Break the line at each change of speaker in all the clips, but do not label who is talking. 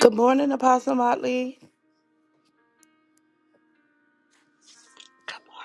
Good morning, Apostle Motley.
Come on.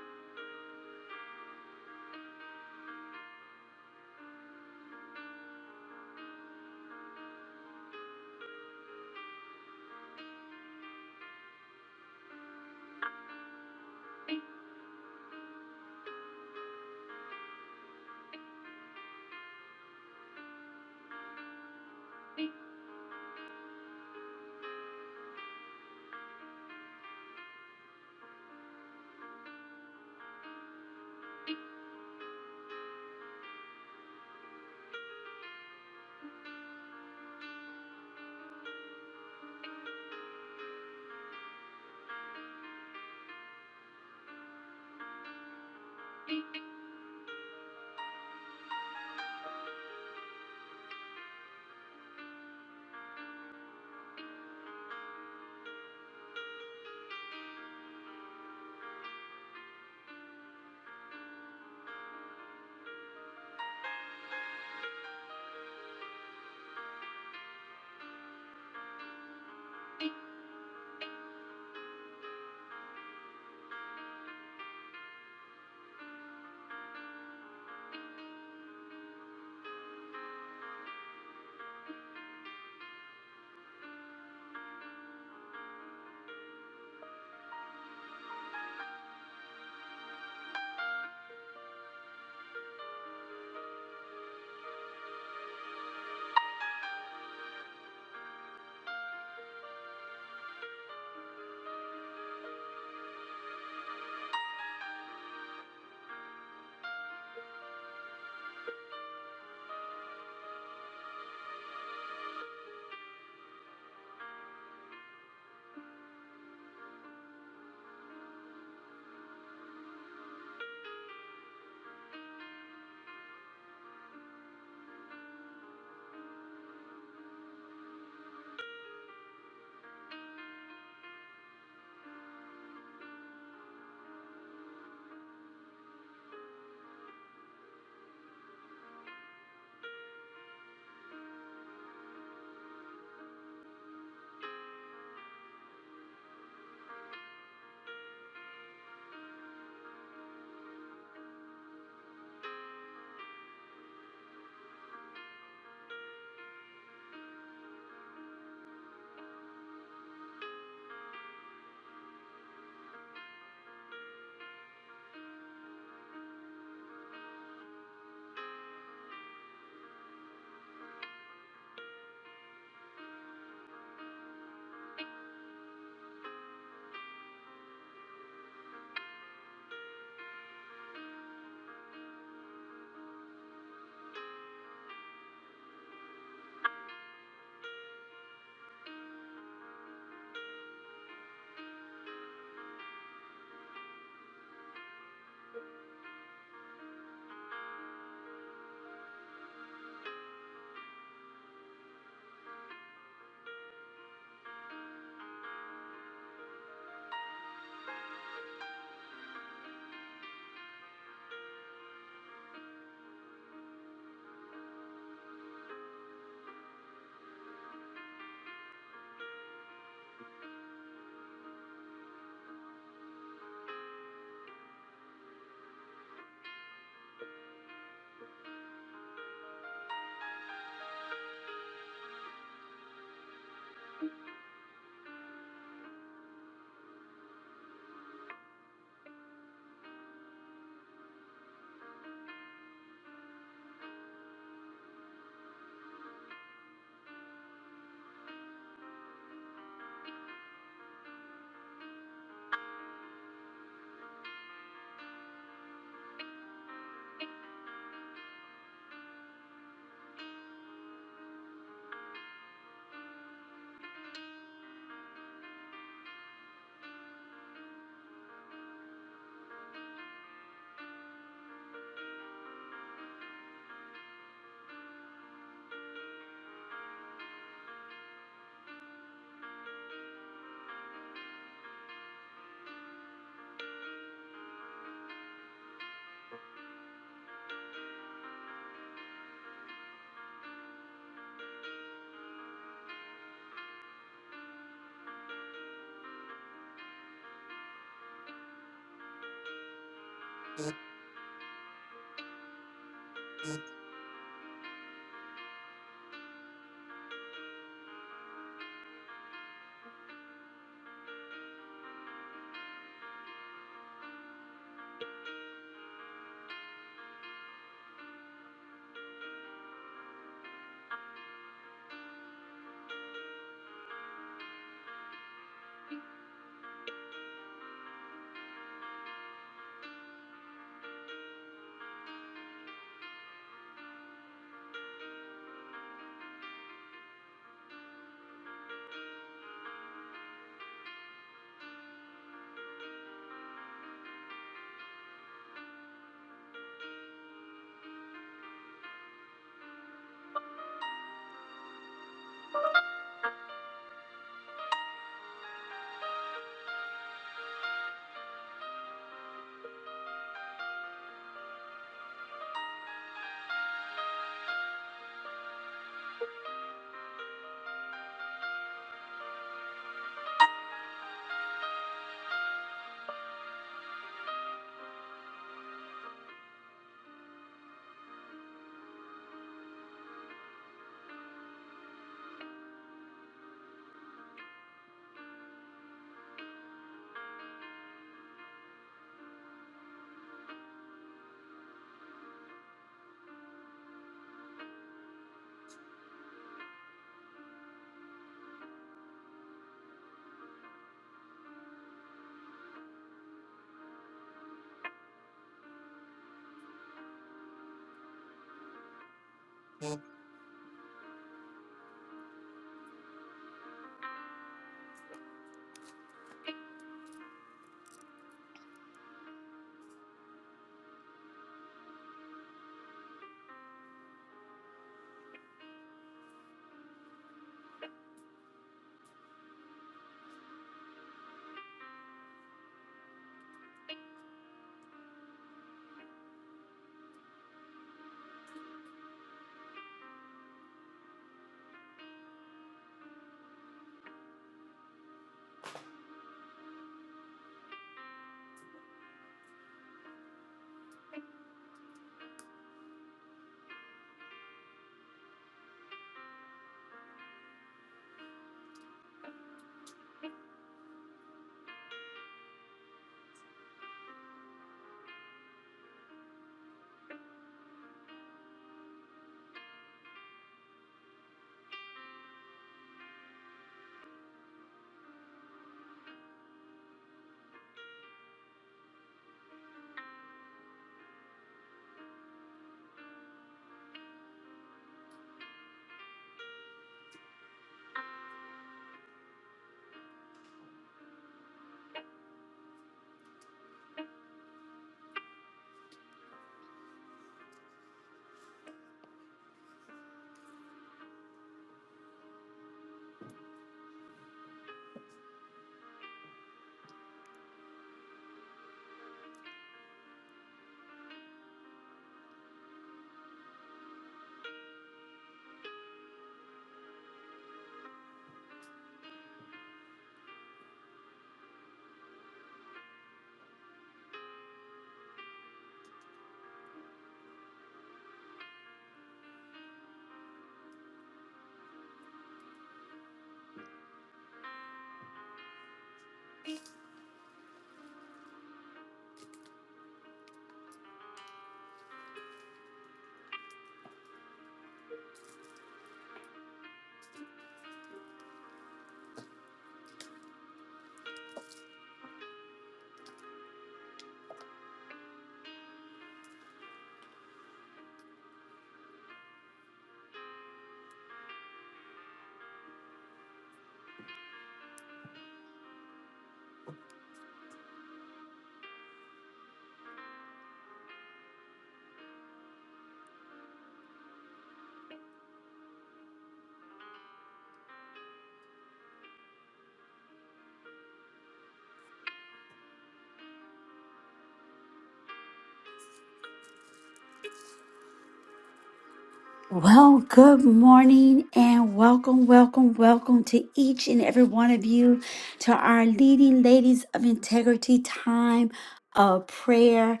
Well, good morning and welcome, welcome, welcome to each and every one of you to our leading ladies of integrity time of prayer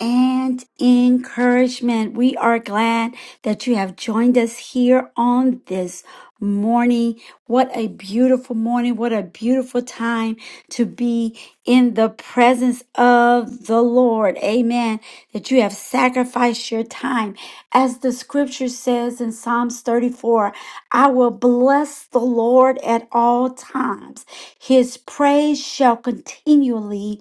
and encouragement. We are glad that you have joined us here on this morning. What a beautiful morning. What a beautiful time to be in the presence of the Lord. Amen. That you have sacrificed your time. As the scripture says in Psalms 34, I will bless the Lord at all times. His praise shall continually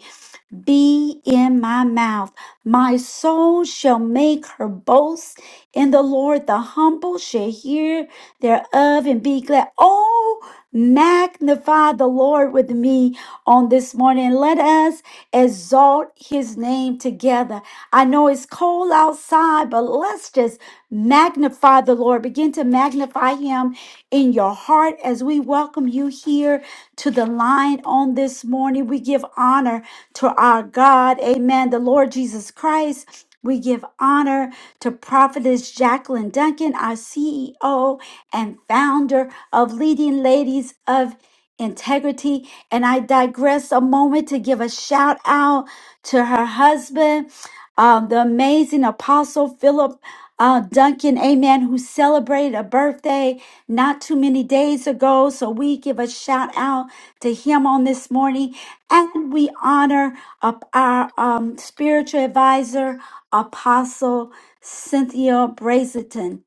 be in my mouth. My soul shall make her boast in the Lord. The humble shall hear thereof and be glad. Oh, magnify the Lord with me on this morning. Let us exalt his name together. I know it's cold outside, but let's just Magnify the Lord. Begin to magnify him in your heart as we welcome you here to the line on this morning. We give honor to our God. Amen. The Lord Jesus Christ. We give honor to Prophetess Jacqueline Duncan, our CEO and founder of Leading Ladies of Integrity. And I digress a moment to give a shout out to her husband, um, the amazing Apostle Philip uh, Duncan, amen, who celebrated a birthday not too many days ago. So we give a shout out to him on this morning. And we honor up our um, spiritual advisor, Apostle Cynthia Brazelton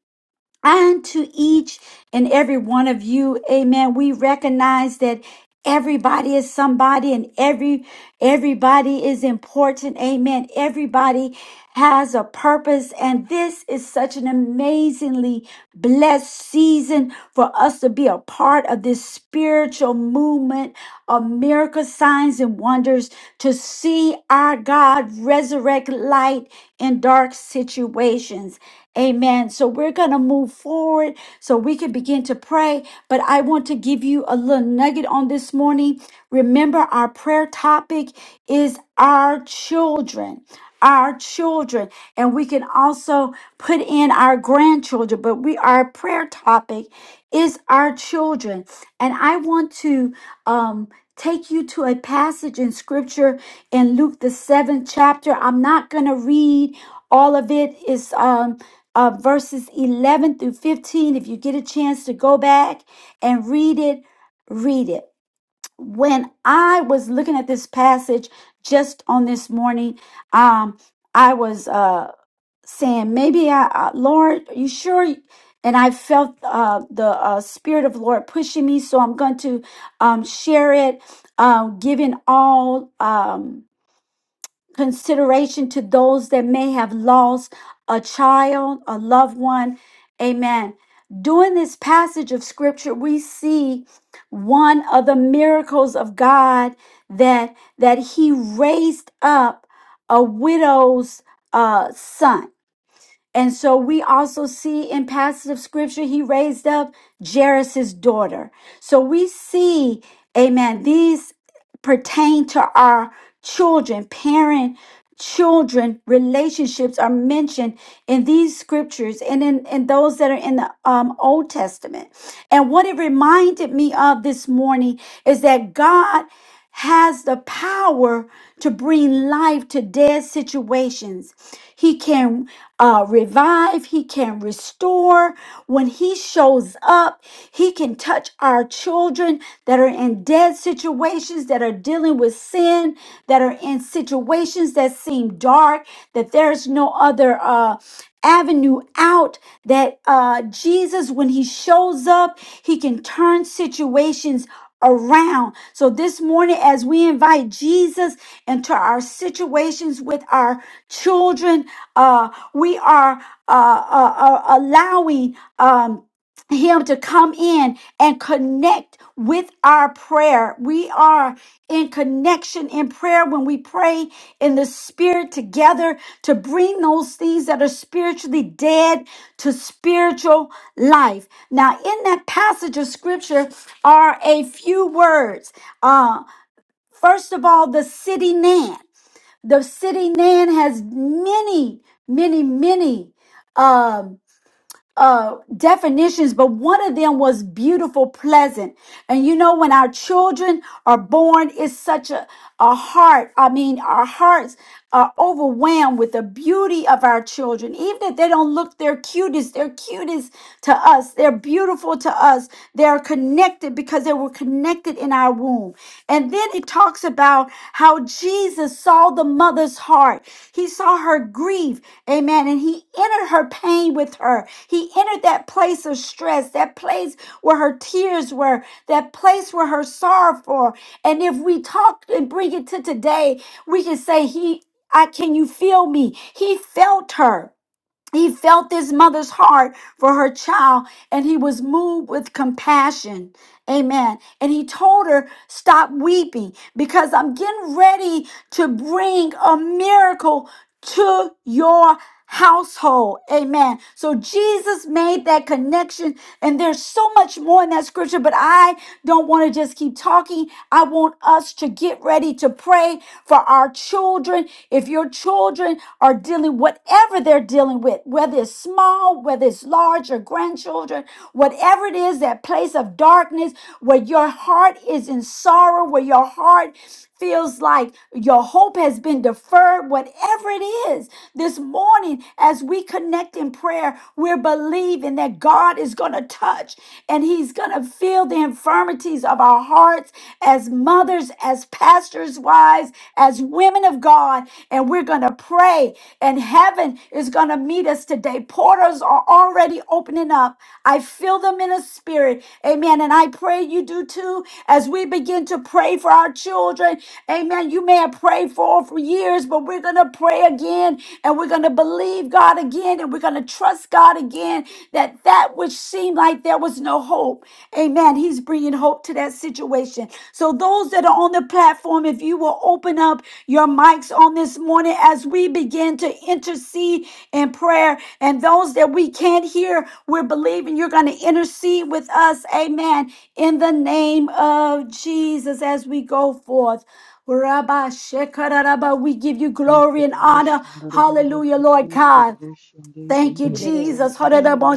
and to each and every one of you amen we recognize that everybody is somebody and every everybody is important amen everybody has a purpose and this is such an amazingly blessed season for us to be a part of this spiritual movement of miracle signs and wonders to see our Lord God, resurrect light in dark situations. Amen. So we're going to move forward so we can begin to pray. But I want to give you a little nugget on this morning. Remember, our prayer topic is our children. Our children, and we can also put in our grandchildren, but we our prayer topic is our children. And I want to um, take you to a passage in scripture in Luke the seventh chapter. I'm not going to read all of it. It's um, uh, verses 11 through 15. If you get a chance to go back and read it, read it. When I was looking at this passage just on this morning, um, I was uh, saying, maybe I, uh, Lord, are you sure? And I felt uh, the uh, Spirit of the Lord pushing me, so I'm going to um, share it, um, giving all. Um, consideration to those that may have lost a child, a loved one. Amen. During this passage of scripture, we see one of the miracles of God that that He raised up a widow's uh, son. And so we also see in passage of scripture, he raised up Jairus's daughter. So we see, amen, these pertain to our children, parent children relationships are mentioned in these scriptures and in, in those that are in the um, old testament and what it reminded me of this morning is that god has the power to bring life to dead situations he can uh, revive he can restore when he shows up he can touch our children children that are in dead situations, that are dealing with sin, that are in situations that seem dark, that there's no other uh, avenue out, that uh, Jesus, when he shows up, he can turn situations around. So this morning, as we invite Jesus into our situations with our children, uh, we are uh, uh, uh, allowing. Um, him to come in and connect with our prayer. We are in connection in prayer when we pray in the spirit together to bring those things that are spiritually dead to spiritual life. Now, in that passage of scripture are a few words. Uh, first of all, the city Nan. The city Nan has many, many, many. Um, uh, definitions, but one of them was beautiful, pleasant. And you know, when our children are born, it's such a, a heart. I mean, our hearts are overwhelmed with the beauty of our children. Even if they don't look their cutest, they're cutest to us. They're beautiful to us. They're connected because they were connected in our womb. And then and then it talks about how Jesus saw the mother's heart. He saw her grief. Amen. And he entered her pain with her. He entered that place of stress, that place where her tears were, that place where her sorrow for. And if we talk and bring it to today, we can say, He I can you feel me? He felt her. He felt his mother's heart for her child and he was moved with compassion. Amen. And he told her, Stop weeping because I'm getting ready to bring a miracle to your household. Amen. So Jesus made that connection and there's so much more in that scripture, but I don't want to just keep talking. I want us to get ready to pray for our children. If your children are dealing whatever they're dealing with, whether it's small, whether it's large, or grandchildren, whatever it is, that place of darkness where your heart is in sorrow, where your heart feels like your hope has been deferred, whatever it is, this morning as we connect in prayer, we're believing that God is going to touch and He's going to feel the infirmities of our hearts as mothers, as pastors' wives, as women of God. And we're going to pray, and heaven is going to meet us today. Portals waters are already opening up. I feel them in a spirit. Amen. And I pray you do too as we begin to pray for our children. Amen. You may have prayed for for years, but we're going to pray again and we're going to believe God again and we're going to trust God again that that which seemed like there was no hope. Amen. He's bringing hope to that situation. So those those that are on the platform, if you will open up your mics on this morning as we begin to intercede in prayer, and those that we can't hear, we're believing you're going to intercede with us. Amen. In the name of Jesus, as we go forth. Rabba Shekarabba, we give you
Lord,
glory and
we
honor. Hallelujah, Lord God. Thank you, Jesus. Hararama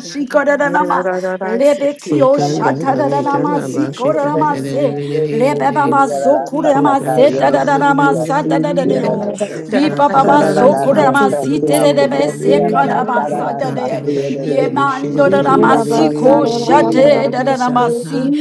Lord, I
shikaranama.
pray for my
Rebekio
Ukanda
Karara
lift up
raveta
our
seriyerere
shataranama
children
mashika
on
sikoranama
kokoşanya
this
yana
se.
morning,
dödede
Father.
rerererererere.
Rebebaba
seriyerere
sokurama
kakata
Ukanda
Ekodorosha,
yoro
raranda
setaranama
save,
kusiya
set
kisi
free,
raranda.
satarario.
yerere se.
deliver.
Ribababa
Ah,
Katanda
God,
Karara
in the
sokurama
name
rarabishika
tense
of
kiya
siterebe
Jesus.
kukosi
rerererererere.
yerere
sekarama
sarara
satare.
sasi
Katanda
Ekodorosha, de,
yerere.
yeah,
rarabishika
yeah, yeah, yeah,
Yemandoranama
Dibiya
be, be,
siko
be,
kasiye
be, be,
diye.
rerererererere.
shateraranama
kodorosha.
si.
Besaka.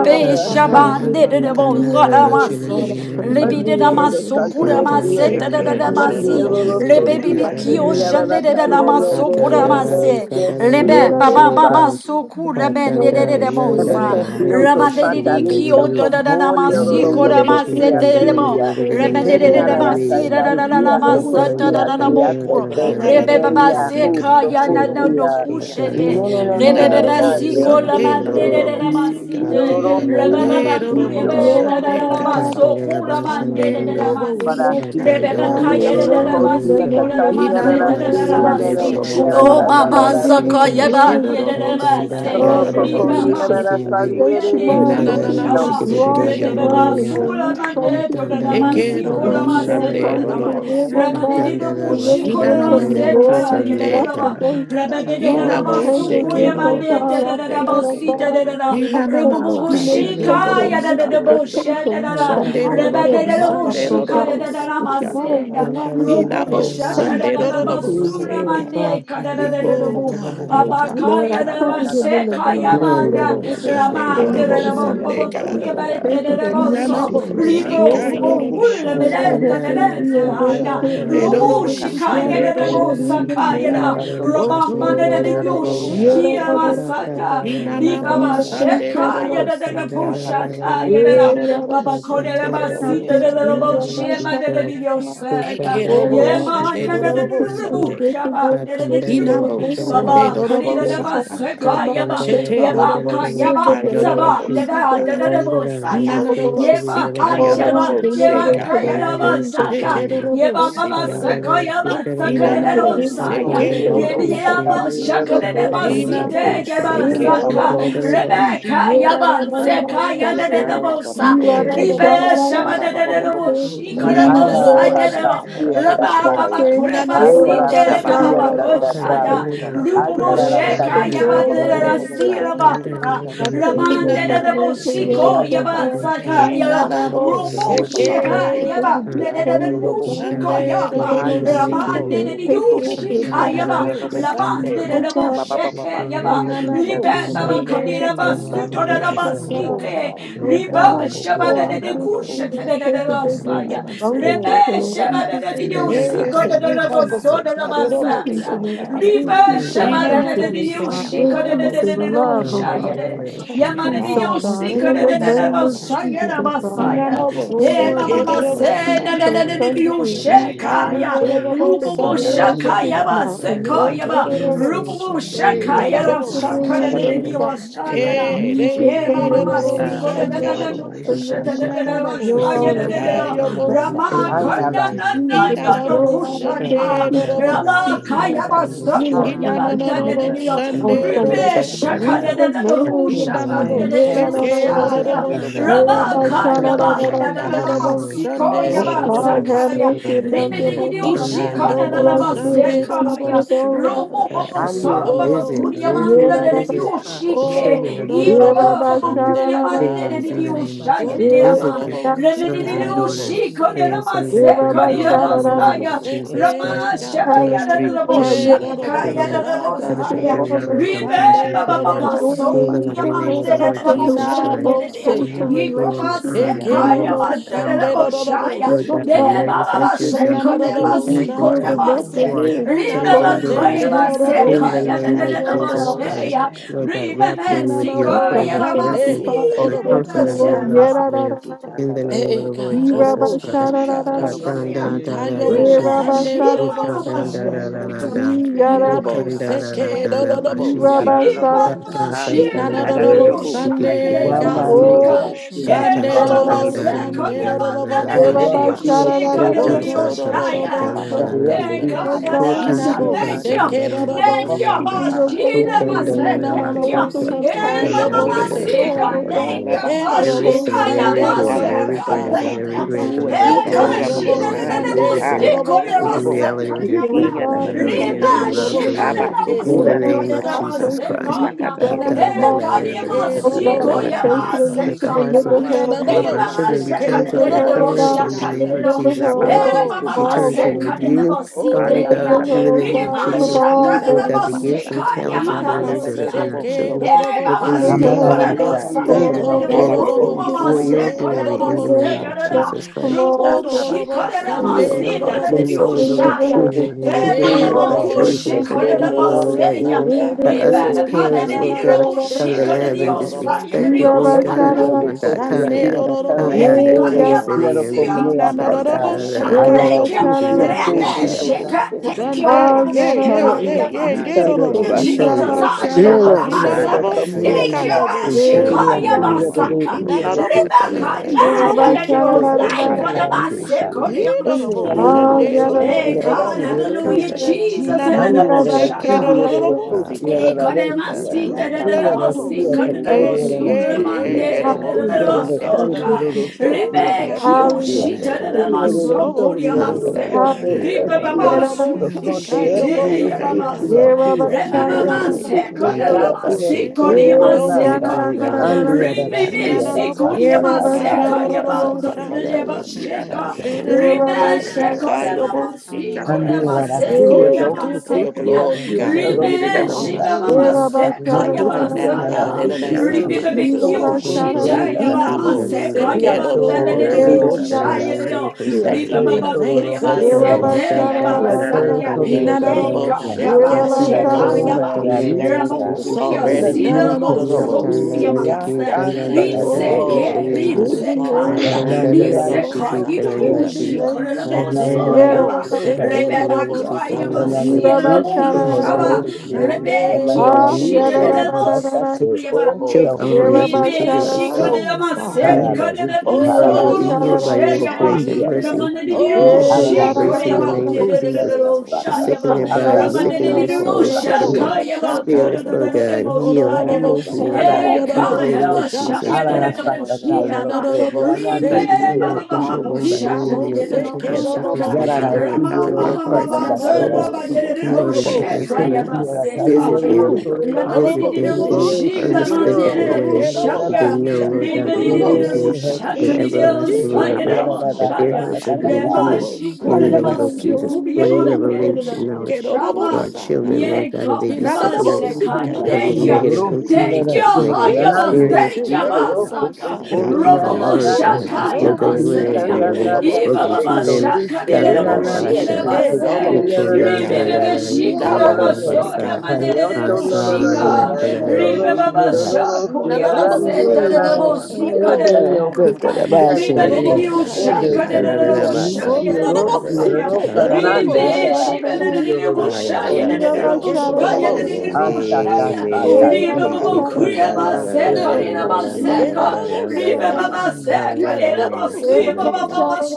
Ya la la la la ya
Katandi
pa
kasiye
pa pa
rarabika
kisi
pe
shabanerebo
pe ko
harama
to
yerere
rarabashika
ro
si.
si.
shin de de de de
Bazı
de de de
rerererererere.
Rebidanama
pe
yerere
children,
pe
oh
pe pe
sadiye
God,
sokurama
my
pe
Katanda
pe
siyere
pe.
kisi
grandchildren,
setaranama
yan
oh
rarabashika
Lord,
si.
I
Ka
yerere
la la
lift
la
rerererererere.
them
ya
up,
ya
I
sosiya
ha
lift
Rebebibikio
ya ya
them
la la
siyerere
shende
up,
la
de
de
and
de
de
la
de
ma
all
de
up
sandene
de
so
to
de
de
you,
ko de
pe
Katanda
oh
pe
ebe
God.
pe ko to ro
You
shin
Rebe,
do
Thank
ba
kesiyo
ba
ko.
you.
so ku
Hmm, Ke
rebe
ko
know
to
Patanda
de
what
ro
de de
they
shin
bo
de
stand
ya
sa.
la
Rebecca
Nandara
de
in
de de pe
Reba
pe
de
Dedication to
pe pe pe
the
pe
ki o
Satarito,
Enemy,
do
ko
da da da
to
ma
You
Comborio
ro
si
know
ko
what
shin.
da
Kandara
de
they
the
ma
Greek
se
Rocosia
te de de
Kandara
screaming?
bo.
Sia,
They
the
go,
Enemy,
Rebe
yeah
de
Sikh the
de
yeah,
de de
da, da,
Beniara
da,
si
Rakatabasoku
da
da.
Enemy,
da
na
da
na
Sunday,
da
na
You
da
na
Sangangia,
na
ma
know
na
what
na
they
ta da
patanda
Cocosia
da
basi.
da mo
Sia,
screaming?
patanda
ko.
Yeah, da, da,
Rebe ba
patanda
Edea
se
Rakotoboseke
Hus,
ya na
ka
na
patanda
ya na
Shin,
na
You
no
Cocosia,
roboseke
ku
ya na na na
patanda
na
know
na
Rebe
basa.
what
ba
Nenene,
they
Vikandara
si
Ario,
ko la
Ikanda
ma
da
Fish,
da
nde
da
de
da
screaming?
de
Vikashavarendra,
la ma si
roboseke.
In
te.
the
patanda
Ikanda da da
Rebe
Yororosia,
da
name
ba
of
da
ba
da
ku
Jesus,
robosa.
yeah,
Vikanda,
rebe
da,
da
Yororocosia,
da
da, da,
la
da,
ma
da, da.
so
patanda
ku
Arabasoko to
Basha
to to
and
to
de de la ma
Dunya,
Have
si.
roboseke.
your way,
E na
Baratia,
Rebe
na na
ba
na
patanda
have
ka
na
Cacalia,
ya da
Basha
da
your
da
basaka.
way. In the
Rocosia,
si
Television,
name of
Cacalia,
Jesus, oh
patanda
Rokotoboseke
Rasia,
God.
ya na
Nene,
na
Revolution
na
and
na
So
na
Oh,
God,
the
I
basaka
mama,
cover
Enemy
ta
Sierra,
da
them
da
State.
in the
sakaya
robosa
blood of
ha.
Jesus.
Kanda
bandiere
Aya
Lord,
Lord,
kanda
da da da da
lagada
Ripa
da
Kokori,
continue
da
you.
ma
and
to
I said,
bishikende.
ya na
search
sukuya
your
na na
de
"Yere,
Na
na
mind,
Kanda
na
and
Hata
kio
na
lagada
basaka.
na
be
continue
bo
your
saka.
to
shama.
katoro
bishikende
si
food,
draw
ka
gede
shindi
your
yo
gede
yeah.
ro
Rebebe
Rokoto
ro
ihi
mind
ba
bo
bo
and
minyan.
sha
And be
katoro
sura
move
siki
ka.
your
ra.
shundu
closer
food,
mane
to
ko
yes,
Katanda
torara
Yana
ma
Na
Lord,
na
gani
si
you.
na na
Kokori,
nyala
kanda
And
kora
Ekerobo
ba
you
ma
ya
and
ya
draw
I
ya
lagada
seke
ya
Sunday
said,
seta
ya
closer
e
bayi.
to
ya
rama.
ya
"Yere,
him,
Rodobo
ya
ta ta
and
ya
da
be
oh
ya
da
your
Sika.
ya
bo
Ramani
God.
ya
di
Katanda
ya pa
dobu
lagada
pa
food, Lord,
shi
Deliver
pa
I
pi
bashikende
kora
said."
them
pi
Yananananabaseke, eh,
ma
gede
from
ba
pi
the
pi
sa.
gede
And
Inananabo
pi
seta
worldly
I
kita
yera
said,
lagada
Sunday
"I
stuff that
rama.
kan.
said,
they
God.
I'm
Hmm, ki
Rebebe
gonna
Rabasa
de
see
katoro
Sorry,
a
rama
Kandani
kanda
Inabo
da
good
da
shundu
changing
food,
da
katanda
ko
this
lagada
sukuya
good
da
so
bayi.
ya
bosi
food,
mane
Shekerobo
ya
ki
good
hard.
ya
I
ya
food,
ya
torara
Sunday
ikanda
feel
pi
ma
Lord, I
da
pi
da
oh
God.
si
pi
da
said,
God.
that,
pi
bosi
torara.
pi
Lord."
I
papa
wait,
Inanabo
Rububu
katoro
you
Katanda
rababa
may
hushi
shundu
soko
take the
to
kanda
Shekerobo
kaya
to
da
ko
I
da
lift
da
da
it,
said,
the
bo
that,
bosi
Sagado.
ki
take
she
Lord,
the
I
da da
said,
lift
da.
I
it
said, "Yere, I said,
Sunday
da da
yana
out
da
na
of
Ya ya ya
na
Yere,
Rebebe
their
na
de
na
Rodobo
pi
Yere,
da
ya
dobu
kanda
mouths,
ya
Sunday
bosi
shi
oh
ya ya ya
Yere,
ya
Yere,
kanda.
ko
ya
Yere,
kaya
to
God.
pa
Rodobo
da
Yere, Yere,
to
da
pa
And
pa
Yere,
pa
ki
Sika.
pa
tomorrow
yana
pa
na
you're
na
rama
pa
na
not
pa
even
pa
basa
Kandani
want to
Robo
Yere, Yere,
ki
kanda
Inabo
katoro
taste
Sunday
Yere,
ayata
that
shundu
Yere,
bishikende
Yere."
ta
ihi
lift
Rodobo
gede.
roko
Shatarabasura
to
anymore,
katoro
oh
Sika.
bosi
God.
Mande
Katanda
reke te ta
Oh
da
Kadadabo
lagada
God, oh
bosa
bayi.
Baba
ha
God, oh
Lord, I
Kaya
God.
randa
cover
da da
him
da
in
Dawase
the
da da
blood
Kaya
of
da
Oh,
pa
Jesus.
pa.
bosi
Mandala
Mana
Rodobo
ki
la
Cover
Sunday
ikanda
Rama
bishikende
da
things
gede
Rodobo
in the
Nirabo
gede
blood
Sunday
yata
Bobo
of
kita
baba
Kuya
God.
Jesus.
lagada.
soko da
Pray for
da
their
Katanda
bosi ki
name,
Baiteraboso
for
bashikende
Nanabo
their
gede
rande
Ripo
da
Sika
da
masa.
Bobo
glory.
da bosi
Wulla
Yorobo
Thank
Oh
ko to
Lord,
you.
Mereta
help
Saga.
bosi
them to
ki
be a
Daneta
ira
Aya
na na
vertical,
na na
Robo
united
Edobo
together,
Sunday
Shikaya
God,
Dobo
Dabo
in the
Sakaya
Sikara.
name
Da
of
Rama
Yarararoboseke,
Jesus.
Mana de
Otorobo
Yoshikia
Shakara.
Oh,
yananarobosokotoboseke,
Masata
Inanabo
Ripaba
Sunday
yanananananabasaka,
Shekaya
Dobo
Dadabo
Sikara.
Shakaya Da Pushataya
ratatararoboseke,
Inanabo
Baba
Sunday Dobo
Koderabasita
Sunday
robo
Gara.
Shema Dadabio Saya
Ekerobo
yeah,
Kakandadari
ma,
Sunday
na na na na
Dobo
na na, boo,
Sunday
Shifting
Gara.
shaba,
Thank
Lord,
na na na na
shifting
na, boo,
Lord,
Inabo
Yeah.
Lord of
Sunday
God,
baba,
Kitaranava
kari
Dobo
shifting
na
their
na
Shiki,
ba,
hearts,
Shakara.
their
seka,
minds,
yaba,
oh
Kakandava
Shete
God,
yaba,
Dobo
ka,
Kandadari
in the
yaba,
Sika
name of
saba,
Yorobo
da
Kitaranava
Jesus,
da
oh
da da
Sakara.
da,
Lord,
boo,
Kandara, Guru
saka,
oh
Sri
Nanabo
Lord,
yeba,
Sika
hai,
oh
Shivindara,
shaba,
Lord,
Yorobo
deliver
yeba,
them
ka,
from
Shakara.
those
yaba,
Kakandadari
things, oh God.
saka,
Shete
Kishavindara.
Dobo
It,
yeba, mama,
And
it,
Sikara.
whether
seka,
it is
it
yaba, saka, da
brings
only.
da
to
aya,
da,
Inanabo
give you the
saya,
beauty
Shandaraki
yebi,
to this
sekerobosha.
yokototoroboseke,
Shandaraki
yaba,
family. It's
shaka,
to do
na na
this
ba,
family.
inananabasaka,
Shandaraki
Inabo
site, yaba,
In the
saka,
name of
arabababaseke,
sekerobosita.
Jesus.
Rebecca, yaba,
yanararoboseke,
seka, ya na na
Yedadadadadashate.
na
Sanderobo
boo, sa,
ikandatararobose,
ribe, shaba, na
sanderobosita.
na da da, boo,
Yirabashadadadadashate.
abababababosoko,
na da, boo,
Haya
saya,
Nanarobosha.
na
nanananabasaka,
rakakashia
Raba
tatararobose,
you.
Yedadadadadadashate.
baba
takaya.
it.
koreba
You
Kaka
Haya
are my
site
shot,
baba
Nanarobosika
da, da, da, da, stop it. You, yeah, da, da, da, da, da, da, shut it. You are my shot, da,
rakashia
da,
baba
da, da, da,
abababababasoko,
takataya.
stop
koshada.
yoboseta.
it. I
Rubobo
Haya
pray,
nanananabasa,
O God, for
sheka
Oh,
rakashia
yaba
joy and to
dera
be
takataya.
the
karorobosa
sira
God.
baba.
Abababababababababoseke,
kara.
Thank you.
I pray for your
Ramande de
ikandadadadadabose,
debo
Inanabo
financial
shiko
seka.
ways, O
yaba
God.
yatabasaka,
yaba.
Inanabo
yadadadadadabose,
I
Robo
plead God
shepa
kobababase,
that
seke
they
yaba
would
de
get
kara.
de
paid,
de de
oh
yananadadabose,
God,
shiko
that they
yaba.
would be able
Sanderobosita.
Ramande de
to
de
take
yu
care of their
Shandaraki
hayatabosokotoboseke,
shika yaba.
Shandaraki
Inanabo
finances.
yananadadabosaka,
Lamande
Sunday
Shandaraki
de
Oh
debo
kara
God,
Don't
I
do
We
yaba.
abababababaseke,
any
not
Father, the
beauty
issues
about
Lipe
king.
baba
they
inanadadabose,
have with
Sunday,
kadira
their
God.
basuto de
Kawaii
la
finances, oh
asamba.
yananadadabosaka,
Oh,
God.
basike.
God.
Oh
Mangala
Riba
God,
nanaki.
shaba
for
de
yatadadadabosaka,
Oh,
our
de de
sister,
God.
kusha de
I
dadadadaboseke,
pray that they may
de
Help
get
us, O
bonuses
Lord.
inanadadadabosoko.
Rebe
and
Oh,
raises,
shebada da di
you.
yo
God, I
yeah,
pray
shiko
for
da
God.
da
you.
da bo
Help
Atabasaka.
us,
so
oh,
da da
God.
ba
Oh,
sa
about
Increase
ya.
in
Sunday,
your
Yatadorobose.
life,
God.
Ribe
increase
We
in
Glory,
not
shebada da
Inanarabasa.
da
wisdom,
about
di
oh
yo
God,
Sunday,
shiko
oh,
da da
increase
about
da da da
Akabasuku.
in
do
Sunday,
love, oh
God.
sha ya
God,
da.
Touch
Ya
the
ma
Ikandadarabasa.
da
increase, oh
mind of
God,
the
in the
about Sunday,
name of
Mm.
God.
glory,
Jesus, oh
glory.
We
God.
Thank
Lord
not
you,
God,
Yanaraboseke.
we
about
Oh
thank
Jesus.
you
Lord,
for
Break
as
Sunday,
our lives.
oh,
Lord
God
about
God, we
Sunday,
preaches on
God.
concern
Yadaraboseke.
for
Sunday,
the
and
children
We
and the
this
tired
Ikandadarabasa.
Lord
of
grandchildren.
preaches
about
at the
Lord God,
Sunday,
words of
heal
his
Arabasuku
their
God.
mouth, and
children
tobose.
and
Oh,
bring
meditates in
them
his
about
every
safe
house,
to where
Sunday,
be
oh,
going
Mm,
to
about
where
God.
and
acceptable
Ayala,
Sunday,
in your
school
God.
them
sight.
to
Adadarabosaka.
baby.
right
Yeah,
Use
relationship
him
they
with
for
get
you
a
in
your
the
Loose
name
in
double
glory,
the
of
Ah,
for
name
Jesus,
shot,
of
your
right
God.
honor, for
Jesus.
yatatarorobosa
your
relationship with your
No, no, no,
katabasiki.
no,
with their
your
see,
oh
mothers
God,
yo,
and
your
the God
fathers
both
and
Inenerobosiki.
will
side,
get
Rama
the
families
God.
in the
Kanya
if
name
you
of
will
Yeah,
He
Inenerobasaka.
get the
yeah,
not
Jesus
Nanda
a
do
yeah,
Christ.
yeah,
glory
both
out
yeah,
of
yeah.
his
Can't tell
Touch
Sunday,
Kushata
me
no, no,
that
future,
Yatatarorobosa.
his
that
no,
that
mindset.
Rama
see,
that
future,
that
his
that
God.
Kayaba
come
Ikotoro
just
Soko
He
blood
shondoro
not
ministry
Yandatarorobosiki.
a no,
this
yere
Yabata
bi
no,
year
um
bi
no,
bi
Dedio
bi
and
on
Yanarorobosa.
Sunday,
Rube
we
no,
kodoro
will
no,
Sunday.
no,
take
oh
the
see,
God,
lives
shandaraba.
God.
in
Shakada
of
the
de
name
our
Yanarorobosiki
He
of
Yes,
children
not a
in
Rushaba
the
bad
Jesus.
both
name of
Yeah,
tararabasaka.
da,
shake,
da,
habits.
da,
Jesus Christ.
da.
no,
Thank
no, no,
Dedushaya
Ikotoro
no,
And then
Yeah,
I'm
side,
shondoro
da,
like,
Rama
yere
Yanarorobosiki.
da,
they
God.
have
yere
sha,
yere yere
da, da,
company
da,
Kayaba
to up
da.
bi bi
and
bi
give
Not
Inanarabasaka.
a
Dadadaba
bi bi
both
bi
morals.
Siko
We
kodoro
Sunday,
say
no,
Oh
no,
Yaba
the
no, no,
God,
children are
have
Yatabasaka
side,
Sakaya
mercy
separated
God.
upon
from
tarorobosi.
them,
Hmm.
their
oh
Yeah,
Rimedidio
He
yeah,
God.
from
yeah,
them
got
yeah,
in the
your
yeah,
Shikona
name
yeah,
both
of
Bless
yeah,
Nama
the
yeah,
Lord
them
yeah,
Anarorobosaka.
Sunday,
and
yeah,
no, no,
Jesus
yeah,
keep
no,
yeah.
Christ.
them,
Sekaya
see,
oh Lord,
Ikotoro
Robo
God.
in
And I
Bobo
shondoro
ask you
yere
to
the name
Saba
of
baba.
Mm,
visit,
Oh,
Jesus. Yeah,
visit,
Kuriamanda
Hmm.
da,
God.
da, da,
anarorobosiki
visit
da,
Dedio
da.
Ha.
the
Yeah,
tiroroboso.
yeah,
children
Shike
Oh,
yeah,
of
do
yeah,
these,
do
your
do
Yeah, da,
yeah.
bo
Yimaba
daughters
da,
Bobo
and
sha,
your
da,
Sunday,
da, da, da.
Kuriamanda
families in
God.
the
Dedio
Ha.
name
Da
of
da
Jesus.
da
Roto
Yeah,
da
do
Visit
Shaya
do
da
their
da.
da,
bo
da, da,
Ababasaka
sons
da,
sika
and
Shandiri
da.
yo
bi
bo
bi
daughters,
Remedilioshi
yatarorobose.
se
grandsons
God.
Yeah,
and
Koyanamase
da, da,
granddaughters
sha,
Ina
da,
in the
da,
Yadadabosa
da,
bo
name of
da.
Koryabastaya
kotobosa
Jesus
ke
Christ.
seke God.
Ramashaya
yadadadabasa.
Demonstrate
Hallelujah.
your
Yeah,
E
la,
do
reality
do
la,
to
la,
bo
la,
Raboshakaya
them.
la.
sha
Yatadadadabosa ka
Thank you,
God.
Demonstrate
Rabostaya
your
oh
love and
Lord.
yadadadabosa
Ribe
compassion
ke
Sunday
for
Baba
do do
Baba
them.
bo
Adore Adore me
sa
In the
with
ikandadadadabasa.
Sokuya
mighty
your
God.
name of
Lord.
the
Mandela
Help
Lord
her
you.
to
Ababaso
Jesus
want
ko
Ina
to
Raboshaya
Christ,
have a
bo
Yalla, you are
Dedea
to
se
you
closer
nanadadabasa
be
God.
ke.
glory,
relationship
a
honor,
with
Yikobase
you,
Eke do
Kaya
oh
dominion,
bo
God.
Yadadadabosa
and
ka
Mandela
power,
Sunday
O
do do do
Help
bo
dadadabosa
Raboshaya
them,
Lord
si
God,
oh
De
and
God.
God. This
Baba
manifest
is their
Na
yourself
do
Sheko
will,
do
in
de
do
then
bo
we
Basiko
compassion
sha
build them
toward,
up
God.
in
for
Rabase
our
it.
Una
sons
bo
Pour
and
Ribe
it
Mm.
daughters
Bakoya
down
seke
in
do
the
do
Base
bo
Ah,
in
name
the
of
la
Kaya
la la
name
sika
of
Jesus,
yo
oh
bossa,
do do
kata
Jesus
bo
God.
la la
se
Christ.
Raboshaya
la la
God.
la la
Lord God, wrap
bossa ke.
them with
Rimanesico
your
Oh
Nanabo
Iya
God,
ta
presence,
ta la
thank
wrap
la
you,
them
Yamamasi
Shande,
Father.
bossa,
in
la
the
la
Odobo
la
Thank you,
la
comfort of your
Lord.
Rimeshima
bassa ka.
love
Yeah,
Sakada.
for
la, la, la,
them.
la, la.
Ika
In
la
the
la la
name of
Hey
the
bossa
Lord
God,
Ee,
ka.
Hata
Jesus
Odobo
rabba,
kodoro
sha,
Christ.
la, la,
Iya la
la,
shende
la
Shakada.
la.
Da
la
ya
da
ya ya
bossa
da
ya
ke.
da
ya ya
da
ya
Ee,
Ntayobo
Iya
ya
bashi.
ta la
baba
rabba,
la
Sunday,
sha, la,
Oh,
bossa
la,
Odobo
da
ko.
la, la.
da
Ah,
da
Shakada.
Yeah,
da
yeah,
da da
yeah,
Rokoto
Mamaseko
yeah,
da.
Oh
bossa
yeah, yeah,
ke,
yeah,
Oh,
ya
God,
na
yeah,
da
Inabo
la
da
heal,
da
bassa
Ba-
da
heal,
ba- ba-
heal,
ka.
Seke,
da
ba-
da
ba-
Odobo
ba-
bashi.
Iya
oh
ba-
la
ba-
la
ba-
Ka
Shikada.
bassa
Kodoro
ta
ka.
sa
Yadarabosaka, ya,
shindi
da
di-
da
di-
da
di- di-
da
di-
da
Hinadabo
di-
bashi.
be-
Ki
be-
di
yadarabosoko,
ki
be-
di
Sunday,
be-
ki di
be-
ki
God.
di.
Kodoro
few,
shundo
I
ukotorobosiki,
Ka
do- do-
can
ta
do-
Shande,
tell
do- do-
sha
do-
da
be-
Odobo
da da
you.
be- eh,
Sunday,
anadarabosaka,
da
eh.
da da
Odobo
da
Yeah,
Uwałaski
yeah,
bashi.
yeah,
Shikada.
yeah,
rakatabaseke,
yeah, yeah, yeah, yeah,
Woto,
Ba-
utasilia,
ba- ba- ba-
Odobo
ba- ba-
Ababasoko
ba-
uwałaski
Thank
Utasakashitananandi,
Shakada.
be-
God,
Kodoro
God,
tototobosiki
shindi
utasilia,
di-
Adasha.
di-
Inabo
di-
Thank
di-
ikanda
di-
da
di-
you.
da
Seke,
da
be- eh.
basa.
Odobo
Thank you,
uwałaski
Kutashitasandarandiriyandi,
Shakada.
Mm.
utasilia,
Bashida
Di-
Ababasoko
every
di- di-
na
di-
da
Masle.
be-
da
be-
Thank
be-
you.
pain
Nanabo
be-
basiki.
from
Kutandaranamukita,
her
Eh,
Kodoro
uwałaski
past,
E da
Mama
da
shamba.
Sikayobo
da
heal,
yeah, yeah, yeah,
gone,
yeah,
bosiki
utasilia,
Sekada.
oh
yeah,
Masika.
na
yeah.
da
God,
Ba-
Thank
da
you.
Kandaradaranakandarana.
ba- ba-
and the
ba-
basaka.
Every
Kedodobo
pain
uwałaski
Bashika
of
ba-
son, every
Sunday,
past,
Randa
oh
daughter,
Gay
da
Dodobo
every
da
God,
da
Yamaseka.
utasilia,
Kodoro
da
grandson,
Thank
heal, oh
every
you.
Shagada.
Shunde,
God,
basuku
Gay
granddaughter
ra
in
da da
Thank
the
umakuki
Kodoro
da
you.
da
name
represented
of
here,
Shunda,
Ikayobo
Shida
Lord,
Jesus.
ya ya
and
basa
yeah,
ya
agree
uwasilia,
yeah,
with
Sunday,
ta
yeah,
them
yeah,
ya da
yeah,
Mosiko
Dodobo
da
ba
with
ba
da
the
ba ba
Sikada.
reality
ba.
of
bosiki.
uwakuki
your
Lord
Yamasaka
Inya
presence,
na
the
Gay
da
God,
da
in
da
the
Mm,
reality of
in
bosa.
name
Rima
your
uwasilia,
of
love
Dodobo
for
Jesus,
them.
I pray
Shake,
Abasoko
In
for
the
angela
na na
Dodobo
na
name
kwa
Alicia.
da
of
I
basa.
pray
Jesus
for
angela
Sakada.
Christ.
kwa
Alicia
shikadadabasekoyadabasekoya.
Yakata da da
Jones,
kufungia,
Inadabo
boso.
Lord.
Turn it
Shake,
around
Oh
na
angela
na
God,
na
Dobo
kwa
I
na
pray
Katandarananakandarananakan.
basi.
for
Shagada.
kufungia,
Let
Alicia,
the
Turn it
hearts of
deliver her,
Ekadimasikoyabasekoyaba.
around,
oh
all
angela
turn
of
it
God.
our
kwa
Rima
Inadabo
around,
children
turn
kufungia,
it
return
Shake,
to
Deliver
around.
her,
their
Na da
oh
Dodobo
da da
parents in the
bosiki.
God.
name
Shagada.
of
shakadadadadabashakadadado.
uwawasia,
Deliver her,
Jesus
oh
Christ.
Rababa
God,
Oh,
soko
from all
Return
God.
uwawasia,
that is
toward
totorobosa ha,
you,
evil.
Father
Randa
Deliver
da
God,
Ebababasekadadabasiteya.
da
her,
da
Oh
in the
oh
name
God,
of
Rima
God, from
Roboseke,
Jesus.
Rodobo
all
Ida
that
Lord
da
God,
da
is
Santa,
the
evil.
gifts
Basa,
and talents and
Yanda da
abilities
da
Hinabo
that are
da
shakadadabasekoyababasiaya.
in our
Seke,
Roboso,
children,
Rodobo
let them be
Deliver her,
Santa,
Heal,
oh
exalted
heal,
Amalalacha,
God, from
heal,
through
Gabriel
all
Roto
God, Ada
that
them
is
da
Dodobo
evil.
Roboso,
for
Focopoliana,
your
Kuna da
Sunday,
da
Deliver her,
glory in the
Basa,
Dodobo
name of
oh
the
Santa,
Ebabasikoyadadosayadadadabuhubabasekoyadabaseyadada.
name
God,
Jesus
of
Christ.
from
Jesus.
all that
High
Rodobo
is
Atabasoko,
evil.
corporation.
Heal
Sunday,
the hearts and
in
Dodobo
the
Orokotoboseke,
souls of
Ina
Kisiki,
our
Deliver
da
Rubushikoyadabasidadadadioshaya.
da
Santa,
her, oh
children
in
Basa,
the
Yeah,
who've
God,
been
from
mama,
Hey,
hurt
Suya,
by
all
the
mama,
Dodobo
that
church
she
and
Rishas,
is
church
could
Sunday,
have
evil.
people,
been
Mm,
Lord
Dodobo
Gomiana,
Ada
God,
da
saying,
even
In
all
the
Robosa,
by
the
Santa,
us
name
Kana
as
Riba,
of
da da
Yoko,
Jesus.
mother,
parents,
Basa,
the
Lord
Yeah,
Sofia,
God.
Hinanabo
da,
little
da, da,
Come
she
da,
that
could
da.
it,
Ikaya
Seke,
have
the
da
Thank
been
da
Dodobo
Osaya,
You
the
Robosoko,
disrespected, Lord
rabba,
all the
Santa,
sha,
God.
Osaka.
da,
Oh
da,
Yoko,
my
da, da.
God,
Kofia,
Yeah,
Sunday,
Kaya.
Rokotoboseke,
Tierra,
Dodobo
Hey,
Ina
Canana,
Kaya,
da da
Yeah,
that
God,
da
kid
yeah,
yeah,
Tierra,
Santa.
da,
my
da,
Basa.
city
Suero,
da,
and
see,
da,
the.
da.
He
oh,
Comene,
na na
no,
na na
Kanda,
Atata,
no,
la,
boss.
la,
He
la,
Yeah,
shot.
ma,
Ayala,
shi,
Thank
kayo
rabba,
you.
Yatadarabosoku.
ki,
sha,
ki,
da,
boss.
li,
da,
Susia,
and
I
the
da, da.
Rebe,
got
people,
a
Tosia,
shika,
Rokotobosa na
thank
na na
you,
na
Ah,
Sunday.
Rama,
yeah,
Yeah,
da,
basaka.
yeah,
da, da, da,
shika,
yeah,
Hallelujah.
yama.
yeah,
Ika
yeah. No
da.
no
Thank you,
You
boss. I
yatadarabose.
Jesus.
Kaderabashande,
rabba,
got a.
sha, da, da,
Ashama,
da.
He
mama,
na
sa.
na boss. He
Nashagabasini,
Thank you,
kayo
Adadarabosaka.
boss.
Yeah,
I
Ashika,
got
yeah, da,
a.
da,
yama,
da,
Ushandabanaki,
saka.
He
da.
na na na
Kamanaki,
boss. Shake
Rebecca,
it. No
Kamanaki,
Yeah,
no
yeah,
no
yeah,
rabba,
yeah,
boss.
yeah, it
sha,
He
da,
was
da,
got
da,
a.
da,
life
da.
for the
Adadabasaka.
He
Shindi,
no no
Masika,
boss.
yama,
Ah,
Sunday
Ambalanaka,
yeah,
no
Araboseke
da, da,
you.
Hey
boss.
da, da,
I
da,
God,
got
Ambalanaka,
Ya
yananadarabose.
hallelujah,
la la
da.
la la
Ambalanaka,
la
Jesus,
Na
la
no
You
la
hallelujah,
la
Candiera
boss.
la
rabba,
la
Shake
ba
sha,
it.
Anabasuku
No
da,
shaka.
no
ba
na
da,
na
no
be
da,
no
de
na
da.
ko
na
boss.
to
He
ro
Fustia de
shi
Eh,
got
la
baseke.
a.
ge ye de de de
Lesbia,
de de
konemasita da
de
da
Na
Ambalanaka,
da
na
Uwe
na
de
de
ba
boss.
be
Yatabasoku
masika
be
Hallelujah,
Fiat
Shake
da da
be be
thank
bo
be
it.
be
you,
Candiera
be
de
Yeah,
he.
sura
Jesus.
okotobose.
yeah,
Stitia,
Ina
yeah.
mande
na
No
Ha
na
da da
na
la
boss.
na
da
la
Uwe
la
bo
I
Hallelujah,
de
ba
basa.
got
ba
thank
a.
ba
you,
soka
Candiera
Mm,
ba
de
ba
Jesus.
ba
mm, mm,
Stotia
mm,
Ooh,
de
ba
rebe
la
mm,
ba ba
mm.
God.
ba
Hallelujah.
stia,
be
shita
be
da
Adabasaka
da
Thank
be
Uwe
you,
be
de
be
maso
Jesus.
be
koria
yadarabose.
ko
Sondia
to
Udorobosha,
de
ro
mase
shi
God.
Hallelujah.
ge
Stote
ye
Aranda da
de
de.
ribe
da da
Yeah, da,
da
Espio,
baba
da, da,
Ni
da
de
da, da.
ge ke
Unanabosika,
Stote
to ro
sukushite
shi
Ikanda
Espio
ya
da
de
da
yobose,
de de
baba
da
de
Christia
de
so
Yeah,
God.
de
bose,
Rabba,
de
Tia,
de de de
rebe
sha, da,
de de
da,
de
ikaya
da,
mama
de
da
da, da.
se
Estitu
Mm.
da da
be be
koria da
Christia
bose,
be he.
Tia de
masi
Erorobose,
Ambalanaka,
Yeah,
koria
randa
Combia
da da
mase
da
ya,
Thank
Hmm,
da
da,
Nata,
da,
kerobosa,
da,
basa,
koria
da,
ni ko
God.
da,
to ro
Andiera
da.
rime
de
shi
ikanda
de
me
da
de
Stia
de
da
de
si
de de
Yeah,
koria
bose,
de de de de de
Rabba,
de
Inananabosika,
ina
mase
da
sha,
be
da,
be
da
Casta
be
da,
koria
da,
be
da,
basa,
da.
bato
be
yororobosha,
da
be
da
be
God.
ko to
ira da
ro
da
shi la
Yeah,
ya
bose,
ya ya
Rabba,
ya
kaya
ya.
da
sha, da, da, da,
Sererorobosika,
da.
basa,
Hallelujah.
Yeah,
yobosika, God.
nakada
Andela la la
basa,
siria do
ira
He
da
ya,
do
da
da, da,
it
da
for
da,
your
da,
basa,
kukusia
glory,
sia
God. Do
soro
it for
ire da
Rime
your
da
do
honor,
shiba
bose,
Lord.
mama
Uh,
zati.
kona na na
seka
Touch
yaba
basa
right
da.
ha,
Mokusia
now,
na na
God,
saya.
in the
siki
name
yoro
yata
of
Ribi
lo
bebe
baso
Yeah,
soto
Jesus, oh
kio
Rabba,
kona,
God. Uh,
sha,
kokundi
da, da, da,
e
shita
ata la
da.
yata
yaba
da
Yeah, Rabba, sha, da, da, da, da.
si.
ma
Inabo
basa,
seka
Sia
yaba
do
nana
sekerorobo
yanda
nene
soro
da
Yeah,
san,
da
diyo
da
ya,
God.
da
Uh,
da, da,
rosia.
da,
shaya
da,
basa
da.
nero.
We
ke,
Sia
thanking
Riba
do
e
you in
baba
yana
soro
na,
kure
advance.
yama
Yeah,
rosia.
Erorobo
Rabba,
sete
sha,
shan,
da,
God.
da,
yaba
Sia
ya
da,
da
da,
da
do
da.
da
saya.
soro
bose,
Ye
Inanorobo
yata
God
yokusia.
da da
Yeah,
yaba
Rabba,
bose.
sha, da,
shekerorobo
sheka
do
da, da, da.
san,
yaba.
God.
E
Uh,
da, da, da,
maragamitia.
Ramo
da,
It's
bo,
kuya
so
Sia
already
cool.
you.
Yeah,
done.
sina
do
Rabba,
ramo
soro
sha, da, da,
erorobo
da,
Atanda
Oh,
sokuya
see,
da.
God.
yokusia.
God.
Bariki
Uh,
masa.
Ah, ya, da,
Asta
da, da,
da
bo,
Ripse
de
Kananaki
so,
Oh,
na,
ke
na, na,
God,
Shirindu.
In
ma,
ekekia.
the
it's
ripse
name
already
of
kaya.
done.
Atanda
Ananiari
Ripse
erorobo
Jesus.
kaya.
do
Barishiki
san, God. Uh,
In
Thank
the
you,
Kananaki.
kukusia.
name
God.
of
Turn
ramo
it
Jesus. Yeah,
soya
around,
da,
Atanda
Sheterobo,
ba.
da, da,
Father,
Enamiaristo
da, da.
our
Kananaki
children.
sekerobo,
Patricia,
Turn it
Rebebakaya
around for
Yeah,
sakanda.
Kananaki.
our
da, da,
Basilabo
sha,
children,
Enamiaristo
da,
God.
da, da, da.
Shaba
Inanabo,
Ah,
Mororosia,
ya, da, da, da, ba,
Rebekio
Ah,
sa.
yeah,
shande.
da,
Emanuelito
da,
Oh,
da,
Shitabo
da,
God,
Gangsta.
da,
Piazza
thank
da.
you
que
for
es
Oh,
Children
Sukriabande
Yeah,
among
da,
us,
God.
da,
whose
speaking
Sofistica,
to
Ribe
sha,
every
children are
da, da,
dead
sick.
da, da,
Thank you,
Oh,
Shikodama
situation,
Jesus.
Father.
da.
be
Father.
Jararito,
Sekadabo
Yeah,
In da,
da,
May
da,
they
da,
da, sha,
da,
be
Oh,
da,
Sonorobo
da,
Jararito,
healed
da,
bo,
by
da,
so
Father.
your
da.
cool.
Shayaba
grace and
Cocundia
Hallelujah.
de
Eh, ya,
la
mercy.
da, da, da,
Tía,
bo,
Ramanadiro
Your
Oh,
so
Yeah,
healing
yeah,
cool.
God.
Na,
da,
grace
da,
na, na,
in
da,
Jararito,
the
na,
da,
Shikoyama
Oh,
da,
name of
sa.
da.
Cocundia
Jesus.
de la
God.
Nedero
Oh
To
God,
Fata,
Yeah,
sicken
da,
Shayaba
their
da,
Oh,
sha, da,
bodies,
strongholds,
God.
da,
sicken
pull
da, da,
Jararito,
their
them
Ramanadiro
da.
down
souls,
in the
Yeah,
sicken
Cocucatia
their
Erorobo
name
de
of
la
Lord, I
Shakayaba
Jesus.
pray,
Tita,
spirits,
shakara.
Lord
God.
Haya.
God.
Dodadadabo
Heal,
O
en
Shaya
que
Ororobo
heal,
Lord,
son
have
heal.
your
sika
Rabasekeya
Hey
way of
In the
Jararasata,
God,
joy
yororobo
name
help
that
of
us
nanabasoko.
should be
Jesus
in
Shaya
shakara.
Christ.
God.
Dedabo
Jararasata,
Bring
Hina
Cayero,
Shiaba
God joy to
nororobo
Eliana,
Lord
beauty
God,
Irarararabasekatapasoko.
if
in
you
Ribe
his
Litia,
sekara.
know
Baba
each
body.
of
Baba
them by
Hina
Rokotobo
Shaka
name, you
bo
know
Continue
each
to
Dedabo
of
saka.
heal
their
him, oh
Shaka
sekerorobo
God.
circumstances,
Yarara,
you know
I cover
each
Rama
Estudio,
him
shakara.
of their
mama
in the blood
hearts
mama
Hina
and
Rorosata,
of the
gera
souls.
nororobo
ba
transformation
gere
And
sika
Rararararabasakandadadadadabose.
mo
Lord God,
y
of
yobo
I
que
his
ask
sheta
you
te
ya
body
to
in
ba
sekara.
quiera
the
se
Idadadabasa.
name
cariño
visit
of
Ooh,
Jesus,
them,
doloroso
oh
de los
Rama
God.
ni
cosas
di
visit
di
Rararararabose
kerorobo
que te
them in
mo
Oh
an
deben
shi
shakara.
Lord,
da
touch
quiero
da
rama ni
da
him,
lo
She
re
O
unmistakable
mo
basa
way
Lord.
ke
comprendía
Yandadadabaseke
la
erobo
that they
shaya.
know,
rabia
sika
Thank
Lord
yatabosoko.
you,
God,
Reba
the
that
di
yo
you
di
le
Lord,
di
yororobo
love
for the
mo
them
dejé
sikara.
with
thank
shaka
an
you, to
di
aquí
di
Igatadadadabasa.
for
o
esto
He
everlasting love,
saya re
that,
considera
you,
mo
la
Abasoko
for
that
yekara.
their
raza
shaya.
I
ta
hearts
can't
are
ta
tell
ta
being
you,
nanadabaseke.
ta
Rama
you
healed
Erorobo
can
shi
in
kore
the
re
vaya
I
name
ma
of
found
shakara.
la
si
Jesus.
John
kuri
and
ya
Shannon
Bring
ma
Ikandadadadabosoko
ni re re
and
tobosa.
Hinanaboshi,
revelation
mo
God,
knowledge
and the
to our
shama.
Lord,
Kedonobosa,
and my
children,
God.
Yeah,
Lord
God,
God,
Iyananadadabosa.
that they
God,
be
and
Rama se
separated
Hinanabosi,
kaya.
from
Alla
my God,
every
Thank
Yakatabasoko
you.
and
negative
fiero
Kedonobosa,
my God,
influence,
God.
Thank
fiera
you,
every
okotabasi.
tiene
negative
Hayabas.
experience
ananale
Thank you,
Hinanabosi,
fiero
Yanadabasa.
poco
Masaka.
Kedonobosa,
Thank
every
pone
God.
evil
you,
Robo
Thank
word
God.
Yakatabasa
you
that
Ooh,
ananale
has
for
been
God,
Thank you,
que
Shakaya
healing
te
me
spoken
God.
kababasoko
over
Odobosa,
them
Basaya.
from
usan
and when they
Shaka
were
nanadabasa.
everything
ananale
this
spoken
Kedonobosa,
to
esto
morning,
God.
them,
Lord.
sucia
Thank you,
ananale
Hinabose,
que
Kandarabasha,
Adadadabasaka.
Father.
se tira
Ariade
Kedonobosi,
ananale
God.
la
Yedadadabosoko
Kotorosha,
limpio
Kitundandara,
tobose.
ananale
Hinaboshi,
Bibi
Kandarabasa,
para
God.
Kotorosha,
esto
Yatatabasaka.
no no
Asa,
no ne
Mm,
Nikodorosha,
astro
Yedadadabosi.
fiero
Dayadaba,
Yatarabisha.
mm,
no
mm,
touch
Ikanda.
our
fiera
sons
ananale
Nananabosi,
and
God.
ananale
daughters,
Oh,
Lord.
e
Oh,
de
yeah,
yo
God.
good
Papa,
Yadadadabasaka.
that
Papa,
I
sucia
Papa,
bash in the good
ananale
deliver
that I
in
e
the
don't
Ororobosande,
de
do
Thank
name of
God.
the
that
Yakatabasukuna
Lord
I
sucia
must have
Jesus.
done
nanabasa.
you,
limpio fiero
Ororobosika,
Hakotorosha,
para
that
ananale
God.
yororobose,
Bibi
I
ara
Yadadadadabosaka.
God.
Kotorosha,
I
fiero
am
poco
da da
Kika
da
Irorobose,
da super
Randadadadaboseke.
da da
Kotorosha,
da
kerorobosha, God.
Asha
me
ta
me
Idadadadabasa.
ta
Oh,
ta
me
te Ashakakakake
me
Bibi
me
eke
God.
can da da da
adake
Kotorosha, Kika
da da da
Yatabasukuna
da
Nerobose,
okoye.
da da da
Kotorosha.
nanabasake.
da
kerorobose,
da
yeah,
da
God,
God.
can da da
Yinanadabosuku.
da da can da
Irorobosande,
Rokotobosi.
God.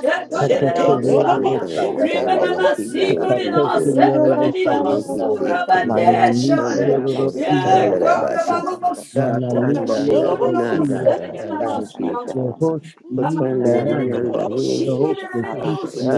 da da da da
Yabasu
Shete,
da da creep da
ororobose,
da
Yeah,
nanadadabasa.
Kakakeriororosakata.
can da da keep
nerorobose,
it
God.
keep it
Yadadadabosa.
Yeah,
keep
Irorobose,
Kakakeriororosakata.
it keep it
God.
can da da can da da tone
Irorobose,
can da
Yabasukuna
da
the
Mananikiororosiriatata.
bashi
kerorobose,
nanabasi.
God.
da da da
Baba she
da
could
na
Ororobose,
have
da da da
Ararabosokotobosata,
Mananikiororosiriatata.
da
kerorobosha,
she da
God.
arakatabase,
Ooh,
put da
God, I
da da
thank you,
Yehoskiikiande.
da da
Lord.
da
I don't want to
inanaroroboseke,
shake, God.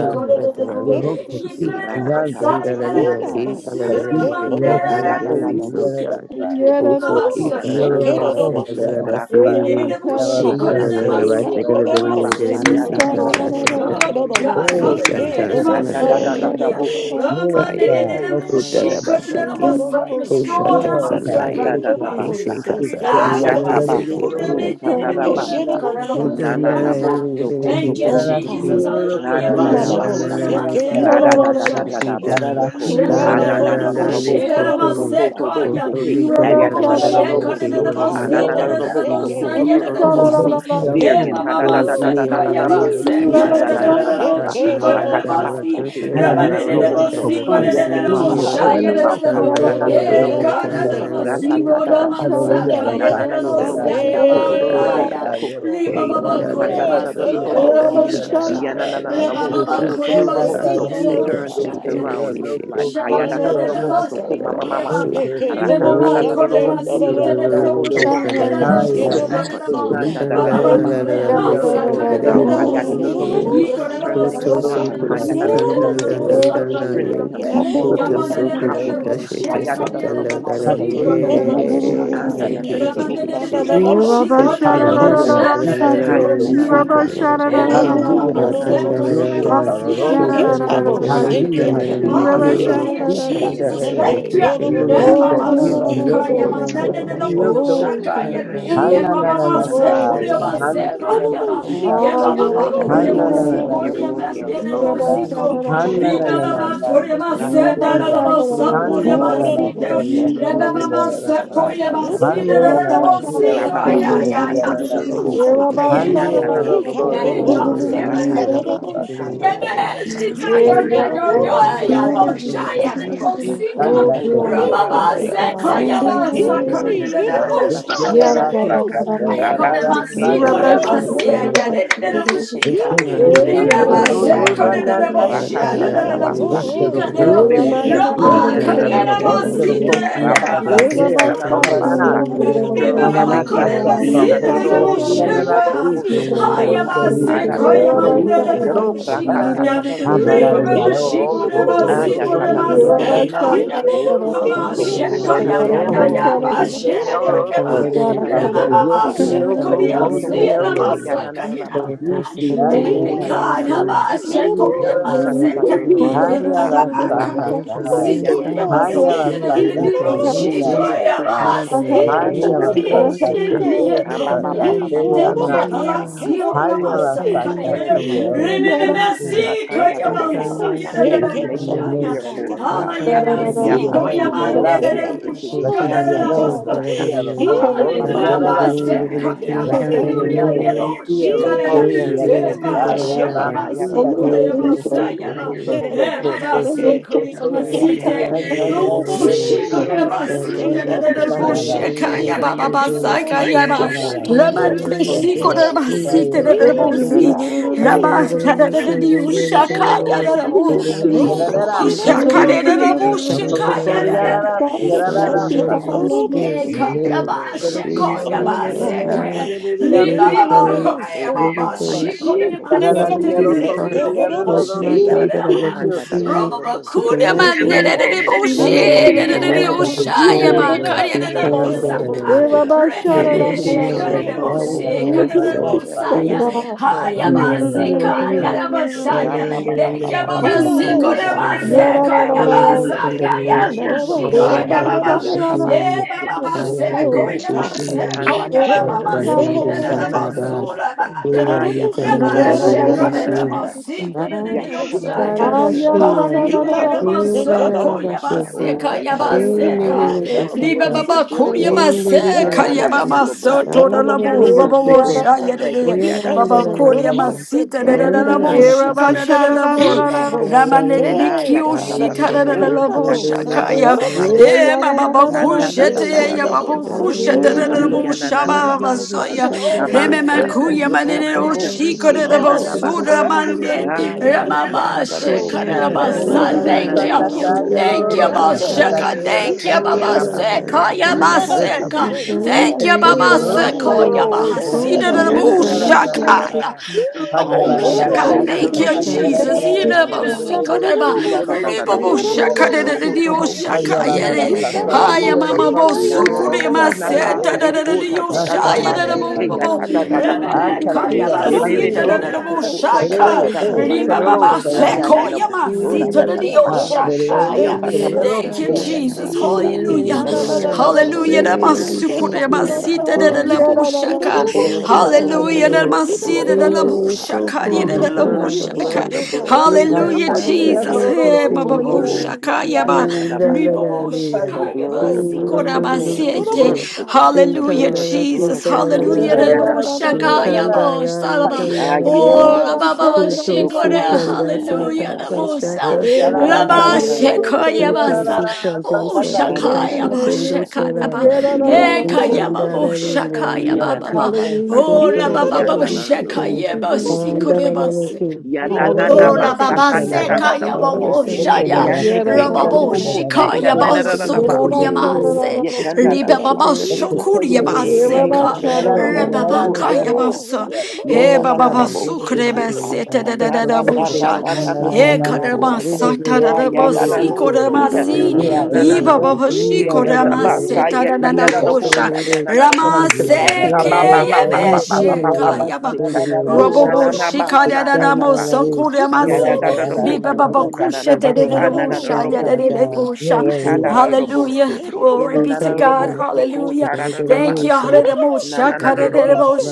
Ooh,
da
God, I
da
don't
da
want to
she
see, God.
Yehokokiskiande
said,
You
okuske.
know, I'm sick,
rakatabasokonananabasa,
I don't want to see, God.
Kakiskiasosondiararasa.
You
radadadadabosokotoboseke
know, I'm
Abasha
sick,
Korea
I don't
Master.
yanananabasa,
want to see,
Oh
God.
Kakiskiororosondiararasa.
God, hallelujah.
You
Cada
know,
día
I'm
nos
Oh
sick,
rakatabasokoradadadabasa,
voy a
God,
la
I don't
man,
alegría
want to
de
see,
restore
ti,
God.
y de los
You know,
demás.
I'm
Oh,
sick,
God.
I don't
It's
want to
just peace
see,
that
God.
God.
arabasanadadadadadabosokotoboseke,
Yes, God.
Please.
Welcome home
Shut
together.
that
That's
on the
right.
most shot,
them.
Kushata
Father.
Yes, God.
sanaye,
Ikanda
It's
You
it's
know the
it's
dadabasa
most
it's
ha.
Mishika
it's
sick, you
so
know
sata
the
we are
most
ready to give
Yatabaso
it
shete
God.
You
all
kota
to
Yeah,
you and I
you know the
dadabasa.
love
most
you.
in me,
I
shot, God.
Nananabo
said,
sokoto
Nandi
Thank you,
Oh
vara rasti
boseke.
Jesus.
God.
yoro ro koko
Rada
Hallelujah.
kono na na ni
dadabasaka. Rada
andato.
Ninanabosekerobosakara.
Para rasti
dadadadadabosoko.
yoro ro koko kosi na
Ananananabosoko.
tasti.
Rokoto
Hallelujah.
Hinanabosekerorobosakara.
Kiki
boseke.
Rubobobo
yote you
Ayatadadadaboso.
yote yoro ro kaka.
Anananaboso koto todoroboso.
Ninanabosikayobosekerorobosakara.
yeah,
Darian
Hallelujah.
mama, mama, se
Woo.
or in the
kayaba,
name of
hadadadadadadaboso.
Wee.
se
Jesus
kada da da
Christ,
da da bo,
Kunanananabasa.
God,
chi
dun,
kada
dun,
da bo,
dun, let
si
them feel
Arakatabaseke.
Hirorobosekerobosakara.
Alla
your
raba
love,
da da da
Lord
bo,
distributor
Yenananaboso.
God,
si
let
I
them
kada
Concordia
da
see
Mm.
thank you,
da da
your
Father,
bo,
firme
for
Ah.
pulling
miracle.
shaya
them
da da
elera
out.
da
Dun,
bo,
dun,
sotto
dun,
Woo.
sotto
dun, dun,
yeah,
sotto
dun,
Kanadadadadaboso.
kada
dun, dun, dun,
da
dun,
ma,
dun,
rasta.
Yerobosekara.
si
keep
Rakata da
kola
da
ma,
Avere
basa
sa
that.
yara
kaya
Nana
da
na
da
tasti
bo,
la
sa
Nanananoroboso. Kodororoboso.
carriera
ya
Ko.
ba,
forte
do
ta
la
ya,
roboso ko
carriera
Ninanorobosandeikara.
con
riba
i
ba ba
Kaylin.
reali
kore
ikanda
vere
da
ba,
le
da da
si da
tiere
da da
con
Ah,
bo,
robosiki.
Nenerobosekara.
shaka,
Yana na na na
raba
Shaka,
ba
roboso
ba
ko to
kore ba,
Ezequiel
si
Iyananananoroboso. Kotodoroboso.
da da da bo,
salió,
Turn things
shaya,
Sofía
around in his
no
life.
Shaba
Oh,
da
Hayada da
da da
concordia
da bo,
Hayadadadoroboso. Ko
nace,
si
mama
kore
mamasa.
Ezequiel
Yidemama korema
Rakatadadadoroboso. Ko.
concordia
site de
roko
robo
café,
shaya
Rokotoboso.
de
Ko.
bo
Haya
si
rite,
kore
Christopher,
de bo.
Ikanda da da
rite,
Mm.
Baba
da da
ba
basa,
korea
Ezequiel
pull
basa
them up
kore
and
de
out.
de bo
totoria,
Hayata da
si.
da
Thank
boso,
Thank
totoria,
Yikore de
turn
bo
things
so
around.
korema
totoria,
Hayata da
site
da
de de bo
boso,
satio,
sa kore de de
totoria,
strengthen him,
bo.
satio,
equip him,
Yamane de de
Ezequiel
empower
de bo
him.
she
totoria.
Ayada
kore
da
de
da da
de bo
bosa,
si
kotoro
kore de
da
Hallelujah,
de bo
bosa,
shaka.
anda da da
Matisiata.
Ramane de
andadadadadabosa,
de de bo shi kore
keyatadadadabasa.
de de bo
Hallelujah,
shana de de de bo
Matisiota,
shiana.
Hayatarabasa,
Eh
Hey,
mama
Devante,
Hallelujah,
God,
mama
oh, oh,
se
oh,
Akanda,
oh,
kore
see,
de
Machistioto
God,
bo
Doroboso,
like,
siana de
Salorosa.
you
de
Roko
de bo
are
Tobose,
shaka
sick,
Hallelujah,
de.
oh,
Dada
oh,
Dada
oh,
Dada
see,
Hallelujah,
God,
Robosi,
like,
Machistiorokita.
Jesus, thank
Sunday,
you.
Kiyanabasa,
oh, oh, oh, see,
Oh,
Yata Dada
Machistiorokoti
God,
glory to
ane
Roboso,
your
oh,
name, O
Father,
order his
God.
Kutanda
steps,
Glory
Echistiotoka.
to
Akata
Pulling away
your
oh,
from
name, O
oh,
Roboso,
God.
oh, see,
and
God,
Anana
Glory
oh,
Hananananasaya.
to you.
Roboso, make every
oh,
you.
crooked
oh,
road
see,
straight.
God,
Ah,
Hananananasiasa.
oh,
yeah, da,
oh,
da,
oh,
da, da,
see,
Glory,
da.
God, oh,
Hayatarabasa,
oh,
glory,
every rough
glory.
you.
area
Yeah,
Hallelujah.
Hanananananeriyosoka.
da,
smooth,
oh,
sha,
see,
da,
God,
da, da,
Ikanda
da.
oh,
Dada
oh, oh, see, God, oh, oh, oh, see,
Basa,
God, oh,
Yeah, da,
Rakataba,
Hananananananiriyosia.
sha,
oh,
da,
oh,
da,
see,
da, da,
Soko
da.
God, oh,
Todoroboso,
Yeah, da, da, da,
strengthen each
da.
one of
Hananananasoriyasitiyarasa.
them, Hayata
oh,
Dada
oh,
Yeah,
see
da,
Robosi,
God,
sha,
like,
da, da,
Hallelujah.
da, da,
he
da.
Rababasa, Katata
Hanananananananasi.
Robosi.
Yeah, da, sha, da,
Iyana
da, da,
na na
da, da.
robo
got your
Yeah,
Yeah,
Angelolokoleya
soko
bow
God, hear me.
Sunday.
you,
The
da, da,
rakata
they
da, da.
come
bow
basa
to me
shot
kana Iyanananarabosoko,
with the
out.
kistiyotostatiyatu.
Lord
Yemesh,
rakatabasakanalarabasa.
Jesus
He got
Christ.
Eh,
Shikaya,
Pull
your
yeah, da,
down
Yayo,
da,
bow
They come,
Estistiyotis.
da,
sick
dun,
da.
strongholds.
Yayo,
out.
dun, dun, dun,
Shaya,
dun,
Hikiyanarabasa,
dun.
Mosika.
Dun,
Oh,
dun,
Kandasete
glory,
dun,
Little
dun,
thank
Rababa
dun,
rokotoboseke.
you,
shake
dun. I'm
Father.
out.
Pull
sorry,
apostatasa.
I-
down
Thank
Sekoyaba
you.
Sakari
strongholds.
He
Ha da
little
da da da da
shake
Yeah,
out.
da,
robo
da, da,
Little
Istiyarasaka
saka.
da, da.
shake
da.
out.
Rama
Rabaseke
Thank you.
You
He
ya na
rubber
Shekaya,
na
can't
na
shut
robo
little
it,
think
da,
of
chayararasandiyereresi.
da,
it.
ya,
shake
da.
saka.
out.
Roko
ya,
soko do do
He
Thank
robo
Yeah, yeah,
saka
da,
da
little
da,
da
da, da.
shake
Hadadadadarabosaka,
out.
Ikistiyotostodorananasi.
rabasekeyanananarabosaka, rokototorabosaka,
He
da da
now
basa
oh
Stir up
oh
You
God.
every
rubber
gift.
shut
Esterokosiyataki.
it, da,
Oh
da, da,
oh
da.
oh little
Hikiyanananarabosoko,
shake out.
You rubber shut it, da, da,
Oh,
Osterokosiyatakakearokomananasi.
rabasekeyanananarabasa.
we
da,
Yorobosika,
da.
worship
Stir
you
up
this
every
Yoroboshaka.
morning.
gift.
Mananataseako,
You shut it, da, da,
Yee,
da,
Ikiyanadadadabosoko,
da,
kokosiananati,
da.
Yorobosika.
rokotobosaka,
echerito,
You rubber
esteri,
shut it,
adadadadadabosaka,
da, da,
Yorobosika,
da,
yoroko,
da.
We
para,
na- na- na- na- na- na-
Yorobosika.
na-
Yeah,
rakatatatadabosa.
na- na-
yeah,
worship.
da, da,
Thank
Yee,
da.
abarariaro, toto,
Ah, yeah,
toto,
ta
Yorobosika.
ta ta
You
ta
rubber
roboso.
shut
siananane,
Yorobosika,
it, da, da,
Oh,
da,
ko
da, da,
to to
keitorosi,
Yorobosika.
da.
robosa ka.
You
Yorobosika,
ya,
toyoroho,
rubber
Make your
shut
face
it,
ya,
to
da, da, da.
shine on them. Ha
Shekaya,
seiteyorosi,
Oh
ya ta
Yorobosika.
God, I
ta ta
come into
roboso
all
We na-
ko.
na-
Ramamamasha,
kangeyesio,
na- na- na- na- na-
Roko
na-
to
Kodiosi,
worship.
bosi ke ya
kokoyeyorosi,
na na na
Ramasakaya.
na basa.
Lord,
todisiande,
Hey,
Oko
we
ra ra
worship.
ra
God,
ra
Yorobosika.
isio,
this.
you.
Yorobosika,
basa.
Thank
Oh, yeah,
Yorobosika.
Ikanda
and
ta ta
When
kukumiyararasi,
ta
you
ta
give me
Lord, na-
some
na-
robosa
na- na-
ha.
God,
na- na-
I
na-
Someday,
na- worship.
have to
Rabase ke
hayarasasatai,
ya
baby,
na na
I
na
have
Yorobosika.
to
roboso
He
ko.
no
baby,
no no
hayarasasatai,
no no
Roko to
shit,
bosi
God.
ke.
kiyasatai,
He no
Ikanda ta
no no
Hayala
ta ta
and
no
sata
basa
shit,
ka.
ke
God.
is
Aba ba ba
sata
God.
ba
He
ke
ba
no
ba ba
no
ba ba
no
And
you,
ba
no
trust
Baba.
basa
anasa.
shit,
ha.
See
God. No
you
God
on
no
the
no no
Taylor,
Hayala
shit,
Father,
God.
turn
sata
it
ke
Messiah.
around in my
yoro
Yeah,
life.
Remember,
Ha.
yeah,
kushi hata.
No
Rakanda
Messiah,
da da da
no no no
basa.
Messiah,
Yeah,
the
yeah,
shit, God.
Blessed be
Make it
No
your
yeah,
no
name,
clear
yeah,
shit,
for her,
yeah,
Alito.
God.
God. Ah,
Blessed be your
No
Yapa
name,
no
soko
no
tobo
Cararasa.
shit,
seke
no
Blessed
no
be your
ikanda
shit,
name,
you.
God.
Messiah.
dabasaka.
Rosia
Ramba
He no
Rocosi
Hallelujah.
baba
no no
Hallelujah.
shit,
chastity.
Ararasa.
no
ha,
no
Basekaya,
no
yata
Blessed be
shit,
your
God.
Hallelujah.
name,
totoroboso.
Rosia
Draw
really
by
Yeboshika,
your
Rocosi
He
so
no
they
spirit.
no
Pull
repeat the
her
Eba
shit,
out.
Atacaya
no
vanilla.
sheba
no
Oh,
Rasia
siko
shit, God.
Hayatotoroboso
deba
Toto.
Oh,
ko,
no,
so
Oh
sayaba.
Roko
good.
Toto
tobos.
God.
Eba
Toto
ba
Toto
then
Chastity.
you
seko
put
deba
Toto
your hand
Charity.
up
Wisdom,
Kesi
masite.
and
Hayara
have
freedom,
a
Anana
Roboso,
deliverance, and
Rubu
everyone in
to
the
shiko
truth.
relationship,
kira
deba
The
Ebeo.
Come,
a
site
blood. The
de
deliverance,
de
the
de
blood. The
rubu
relationship
children of
with
blood.
the
sheka
Cararasia
everyone
Lord.
who
yaba
is
ba ba
Covering each
ba
Rocoya.
enjoying
one
this
of
saka
them.
sweet holiday.
yaba.
Ayata
In
Lama
baba
the
Yarabashira
nebe
soko.
name of
shiko
challenge
bafungiye
the
Roko
deba
tobo
Jesus,
kasaye
site
the
de de
seke
your
every
rubu
We na-
Eli,
bakambira.
na-
children,
si.
ikanda
na- na- na- na- na-
Lord,
and the
na-
I
Lama
dadadabasa.
cover
worship.
kada
him
de
deliverance,
in
de
the
sons
Rambe
blood
and
diu
of Jesus.
keke
daughters in the
shaka
Lord,
yada
Give him
rubu.
dadadoroboso.
in the
the
name of
peace,
the Lord
Rubu
Elijah,
We
Yarararasa.
can-
Jesus
na- na-
shaka
na-
Christ.
de
Ezekiel,
na-
de
na- na- na-
rubu
Abigail,
na-
Satan, the
Ezra,
worship.
sheka
Nakokokori
enemy,
of
yararasa
God
his
that
Alexandria,
sons
yada.
and
passes
yarararasa.
daughters in the
Marlon,
all
and
If you don't want to be a slave, then
Spirit,
Danny,
Thank you,
understanding.
the
in the
Baba
Neneki
name
blood
of
over
Give him
Siko
peace,
them,
yarokokori
Jesus, Lord
Ikanda da da da
yeneneki
you
God,
da
yereri
give
basa,
him
yarı
visit
peace,
them,
protection
yarorosia.
over
visit
them,
them,
Haya da da da
peace,
boso,
draw
Yararari
them
your
to your
hand of
yarokokori
heart.
blessing on
Lord
Oh
their
don't
God,
heads,
yarororosia
come,
God.
that I let them
Ikanda
see
da da da
siyotosa.
you
da boso
Ooh,
Eka
supernaturally
Roko to
terrible. She
kisase.
We
bose
na-
kind
na-
of
Somebody
na- na-
da
na-
both
da
is
na-
da
na-
the
da
na-
oh
lover
God.
na-
of
God.
basa,
Eke
their
worship.
Yeah, la, la,
build
la,
soul,
No,
them
kirere
la,
up,
no,
each
la.
you're
Haka da da
time
da
that
da
I
siyotosa.
terrible,
love
Yeah,
boso
say
la,
it.
la,
God.
sha,
Heal
la,
Eke
build
la,
them
them
la,
who
up,
Hey,
are
la.
sick
kirere
Haya
in
da
their
da
terrible
da da
body,
rokosia
someday,
boso,
da
You
mind,
God.
I
be
soul,
sarara
peace
declare they are
of
spirit.
set
kasasa.
Ooh,
God.
apart,
God.
We na- na-
Heal,
Enene
na- na-
Ikanda
want
da da
na- na-
heal,
yasa
da
na-
da
na-
da
heal.
na-
basa,
Ooh,
na- na- na-
say
And
siyotosa.
to
worship.
then,
Rabba
and
God.
ba ba
be
ba ba ba
then, and then.
a
ba
He
ba
Anda
slave.
ba ba
te
Hallelujah,
double
I
de
God.
they
arrastra,
am
shall
and
someday,
tía,
not
Maseka
por
Thank
die,
God.
but
Oya
Yorarararara.
Yabasa
live
ponerle
and declare
and
Yaya
the works of the
Oh
aya
Lord.
joder, hasta
Pushiko Ye
Yorabasharararara.
ngababishikirinde,
Hayatabasuku,
baba
que te
aya
base
quisiera.
koye
rokotobosiki,
base
God.
ngababishirinde,
koye
Oh,
baba basi de
andadadadabosuku,
de de
Yorabasharararara.
dadadadadadaba,
basura
nananananabasa,
Y
oya
baka.
Can- na-
yikandarayo,
na-
Rama
na- na- na- na-
ayatadadabosuku,
sheka de
na- na-
Yorabasharararara.
na-
de
dadadabishirinde,
na- worship.
nanananabasa,
basi de de de
aya
de
Lord, we thank you,
yosaya.
Ah,
Lord.
yakatadadabosiki,
dadabashia.
He
Hallelujah
not
yorarararara.
de
gonna shake
basa
it up,
indadadadadabosuku.
koye
shout
Urararabashoko.
base
Oh,
out.
kaya
Hallelujah,
We
base
kadadadadaba,
God.
praise
ka.
Thank
build
you.
you,
them
God, I'm
up, build
Liba
on
Enenerekeshika.
them
seek,
up,
baba
Jesus.
build
God.
Thank
them
koye
up.
you, God.
base
Yeah, I'm
kaya
on
Enderererereshi.
baba
seek,
so
God. Yeah,
to
Ikandadadadadabosuku,
de
I'm
la
on
bu baba
Sunday,
Andarererereshiko.
God.
woshaya de de.
Yorarararara.
rokotobosandeke,
We
you.
thank you,
Thank you. Thank you, Lord.
Baba
Lord.
yadadabasa,
I'm
koye
on
Oyarandararararara.
basi
shake
de de
it
Lord,
de
up,
na-
de
na- na-
la
na-
bu
na- na-
shout
na- na- Lord,
out.
shika
na- na- na- na- na- na- na- na- Lord, na- na- na- na- na- na-
Ondarabeshiki.
na-
de de de
ayatabasuku.
la bu.
Hibabo
Yorabasharararara.
Rama de
Ayandararai.
de de
seke
kiyoshi
God.
de de de
Ayatatatarobo,
Ayandararai.
la bu
Hibabo
sandata,
Sunday.
shakaya.
Hibabo
Sondorobosara.
yatatatabasaka,
Yeah, Baba
seke
Thank
Yorarararara.
Bakushete, ya Baba
Hibabo
randatatatataboseke,
Sunday
Kushete,
Hallelujah.
God.
Rebu Shaba
Oh
iyanananabasa,
God,
Basaya,
help me to
Oh
be
Reme
God.
abasa,
so
Hibabo
Makuya
focused on the
Manero
Sunday.
things
Shiko
yokotoboseke,
de
that are
Oh God.
God
yananabasa,
Bosura
is
Hibabo
to
la
Mande,
be
Sunday
raza,
raya,
God.
desired.
Ramama
Oh
Shekara
God.
esto
yatataraboseke,
Help
Hibabo
sería
to the public to
Basa.
la
be
Thank
raza,
Sunday
you.
desired for
na-
God.
me.
tata, y el
worship.
Thank you,
Thank you,
olorosa,
Sunday
Desired
tata,
Basheka.
for
double
inanananarobosokotararobosa,
sería la
Thank
you,
seke
you,
carne y
oh
el
God.
Baba
God.
herencia.
Seka,
rabaseke,
Lord.
Sunday
Thank you,
Help
Este
for
double
es
Yabaseka.
me
seke
Lord.
to
inananatabosoko,
el
God.
Thank
God.
que
you,
te
Yeah, yeah,
Baba
yeah,
lleva el
Sunday
otro,
Seko,
rokotobosa,
To
yeah, yeah, yeah. Da,
double
da, da, da, da, da, da, da, da.
feel
no,
haya,
con
kind,
seke
tu
Yabahasida,
We
kind
double
na- na- na-
Rebu
comida,
na-
la,
na-
of
Yanana
la,
support,
seke
la,
na-
God.
na- na-
la, la,
basa.
la,
na-
God.
Shakaya.
la.
Yeah, da, da,
Ay,
da,
la,
Robo
la,
Yeah,
Haya,
la,
In
la,
the
ya
la,
Shaka,
double
la,
ya
name
da
Thank
ta,
you
da
of
Thank
ta,
da
you,
this
ta,
seke
bo
y
Jesus.
la,
morning,
so
God.
la,
Da, da,
ko
la,
Daddy.
Jesus.
da,
na na
da,
la,
na
ta
da,
na
de de
da,
de
Oh
basa.
de
Yidabosikodaraba.
si
Ida da da
roro
da da
ko
bo
kon
da.
de
so
la,
ko
Hallelujah.
roko
se le, le, le, le, sí, y el olor, con comida, la, la, sí.
to
you.
The
bo si.
Ay,
blessings
la,
of
la,
Who's
la,
God
Iya
la,
Ribaboshakadadadadioshakayere.
na na
ta,
na
ta,
are
sha,
upon
sí,
da,
y
me.
da,
Haya
basa
el
ka.
olor,
mama
da, da, da, da, da,
con
da, da. Da, da, da, da, da. Hey, da, da, da, sha, da, yeah, yeah, yeah, yeah, yeah, yeah,
comida,
Na na
yeah, yeah,
bosukure
na
yeah,
na
la,
yeah,
na
The
ba
cover
yeah.
maseta
of
sí.
Pa,
so
pa,
God.
ko
pa, pa,
ta
pa,
ta
the
La
ta ta
pi,
dadadadadioshaya
ba
pi,
Sharia
pi,
se
Lord, oh
pi.
ke ya
Rakanda.
dadabobobo.
ta
God.
ta
We
ta
na- na-
ta
na-
ba
na-
You
na-
Rememe
na-
know,
na-
ke.
na-
to
kaya
Asararia
see
De de de
Rakandi
da
basita
boso
Rosta.
the help
ko
help help your
ta
your your God
ta
God.
ta
dadadaboshaka.
ta
God.
Terere
ta
to
ta
God,
e
I
basa.
To
don't
Jesus,
know,
in
Todorosta
see
To
the
Aya
wonderful.
na
do
God.
na
Ribababasekoya
Yasata.
well,
boso
Thank
oh
ra
God,
masita
da
Larayari
da
in
da
the
Soto
ba
Ha,
Kotoro
se.
name
dobo
of Jesus,
Shando
Ya
someday
Terere,
help
dadioshakaya.
ka ta
that
your
I
Hote
bo
Terero,
so
won't
Thank
God,
you,
Kadoro
ko
seek
na
of
Yata,
na
to
the
Shende
Jesus.
na
be
Ye
Tata,
basa.
Ye
me
Ye
Hallelujah.
na
The
Ye Ye
successful,
na
Timia.
na
Ye
na
Ye
blood,
na
the
Ye Ye
won't
blood,
to
Hallelujah.
say
the
be
that me
blood,
Kotoro
na
the
promoted,
blood,
Namasukure
the
help
Shandoro
blood,
your
ra
na na
da
na
masita
God,
won't
basa
Yeah,
ka.
seek
Oh
of you na na
The
Shaka.
na won't
blood, the
seek
Kumsia,
of the
blood, the
Hallelujah.
blood,
Sandiro,
the
na na
Rosia.
oh
blood,
na
the
na
God,
won't
Hallelujah,
blood,
seek
higher.
of
The
God,
Hallelujah.
I
blood,
oh
the
pray oh
blood,
God
the
oh
God, that
God
blood,
oh
you
the
God oh God
may
blood,
help
the
her to do
blood,
Nastasina,
Jesus.
higher.
better, so
Hey,
Roro,
ba,
she can
ba, bo,
Comunina,
Rokotobo
do,
and
shaka, ya,
sikia
Yanian,
ba,
na na na
li, ba,
and
oh
basaka.
bo,
God
shaka,
The
Sandio,
ya,
blood,
ba,
the
to
Roro.
oh
si,
do
God,
ko,
blood,
we
da,
the
ba,
thank
better
you
blood,
Lord
si,
the
oh
and
God we
blood, the
thank you
better,
Lord oh
the,
and
God
better,
the
Hallelujah,
in the
blood, the
name
Jesus.
blood,
of
the
Jesus.
blood,
Hallelujah.
Yeah,
da,
no,
ayana
bo,
no,
shaka,
basoko,
ya, ba, sa, da, ba.
Shake
Didn't
ayata
you.
Oh, la, ba,
basaka.
ba, ba,
no, no,
shi,
Koto
no,
Rokotobo
Sikanda
no,
sana
no.
na
Hallelujah.
Saka
na
da, bo,
basa.
sa.
Kashata
In
Yarara
the
Yata da
Sakani
da
sandiere se
basoko
Koto
tamasa.
yarara
Sikanda
Oh,
Yana
shaka,
Satika
sakatasia.
na
ya,
na
ba,
name of
Shikundo
shaka,
basaka.
ya,
Jesus. Yeah,
Saraba
la,
You
Hey,
know,
Isandara
Yatadabaseki.
Blessed be
Nidaki
your name,
Hallelujah,
Ilananabasaka.
Oh,
Jesus,
God.
la
Thank
Koto
baba
Jesus,
you,
baba
Jesus.
sheka
Thank
todo
Shikini
lo
Yanananaboso.
you,
yeba
siento.
Lord.
Andara
Ukurambase.
sikorebase.
Nidaki
Jesus, Jesus,
Oh,
todo
Hallelujah.
lo
Andara
la
Thank
baba
Yanananabasaka
siento.
you,
Nikanda
Jesus.
seka yaba
All the
Thank you,
yadadadaboseke.
sons
Este
and
Lord.
de
shaya.
daughters
los
Yeah, la,
Yaneke
días,
la,
representing
Rababo
este
you
de
yodokobose.
los
shika
the
yaba
días,
glory
Yeah,
children
este de los
Kananadadabasoko.
representing
días,
you
sokuriyamase.
the
los días.
spiritual
Riba baba
children
Yekandadadabase.
Este
representing
serio
you
de los
Yeah,
shokuriyamase
Ye
ojos,
ka.
Andara
yarara, yarara,
Rebaba
yanananaboso
Nidaki
kaya
Shake
yarara,
baso.
radadabasa.
yarara.
He
Lord
baba
down, visit them with
Yanananaboseke ha.
your
basukrebase te
love,
de de de
Toto
de
visit
soco
them
busha.
con na na
with
na
your
na
He
na na,
Anananananabosoko
grace,
kadama
te
rata.
visit
te
sata
them
de
Ya
de
te, yaroro.
bosi
victory.
Yadabose,
you know, no,
in
no,
the
koramasi.
no, no,
way
Ya,
Ina
no,
they
no,
na
no,
na
no.
na
Iba
este,
live. If
este,
baba
bosa
este,
you
ke
shiko
love
yarara,
them,
rama
on them,
se
yatabasa
este, este,
yeka na
taranana
you
este,
are
este.
kosha.
saving them,
Rama
you
yananadabosa.
Handia
taking
da
Rabababababababababaseka. Ronananabasa katabase. Yadadadaboso konananabasa bosa ke.
da
care
se
na da bosa. Ga
ke
of
ba
sata
ba
da
them,
ba
da
ba
ya
yebe
ba ba
da
you
ba ba
healing
handia
ba
da
sheka
ba
them
da
yaba.
in
seka.
the name of
Ro
Robo
na
bo
na
Jesus.
na
shika
basa ka
danana
ta
mo soko rama
Ia
da
se.
da
da da
da
da
bosa
sata da
ko na
da
na na
se te a
basa
ta
na na
ta
na
ta.
da bosa ke.
Yo
Ita
yo
da
ya
da
da
da ko
so so
bosa
so
Hallelujah. Glory be to God.
ko
Hallelujah.
ta da da da
Thank you.
basa
Oh
ka. Na
Hallelujah.
na na na da bosa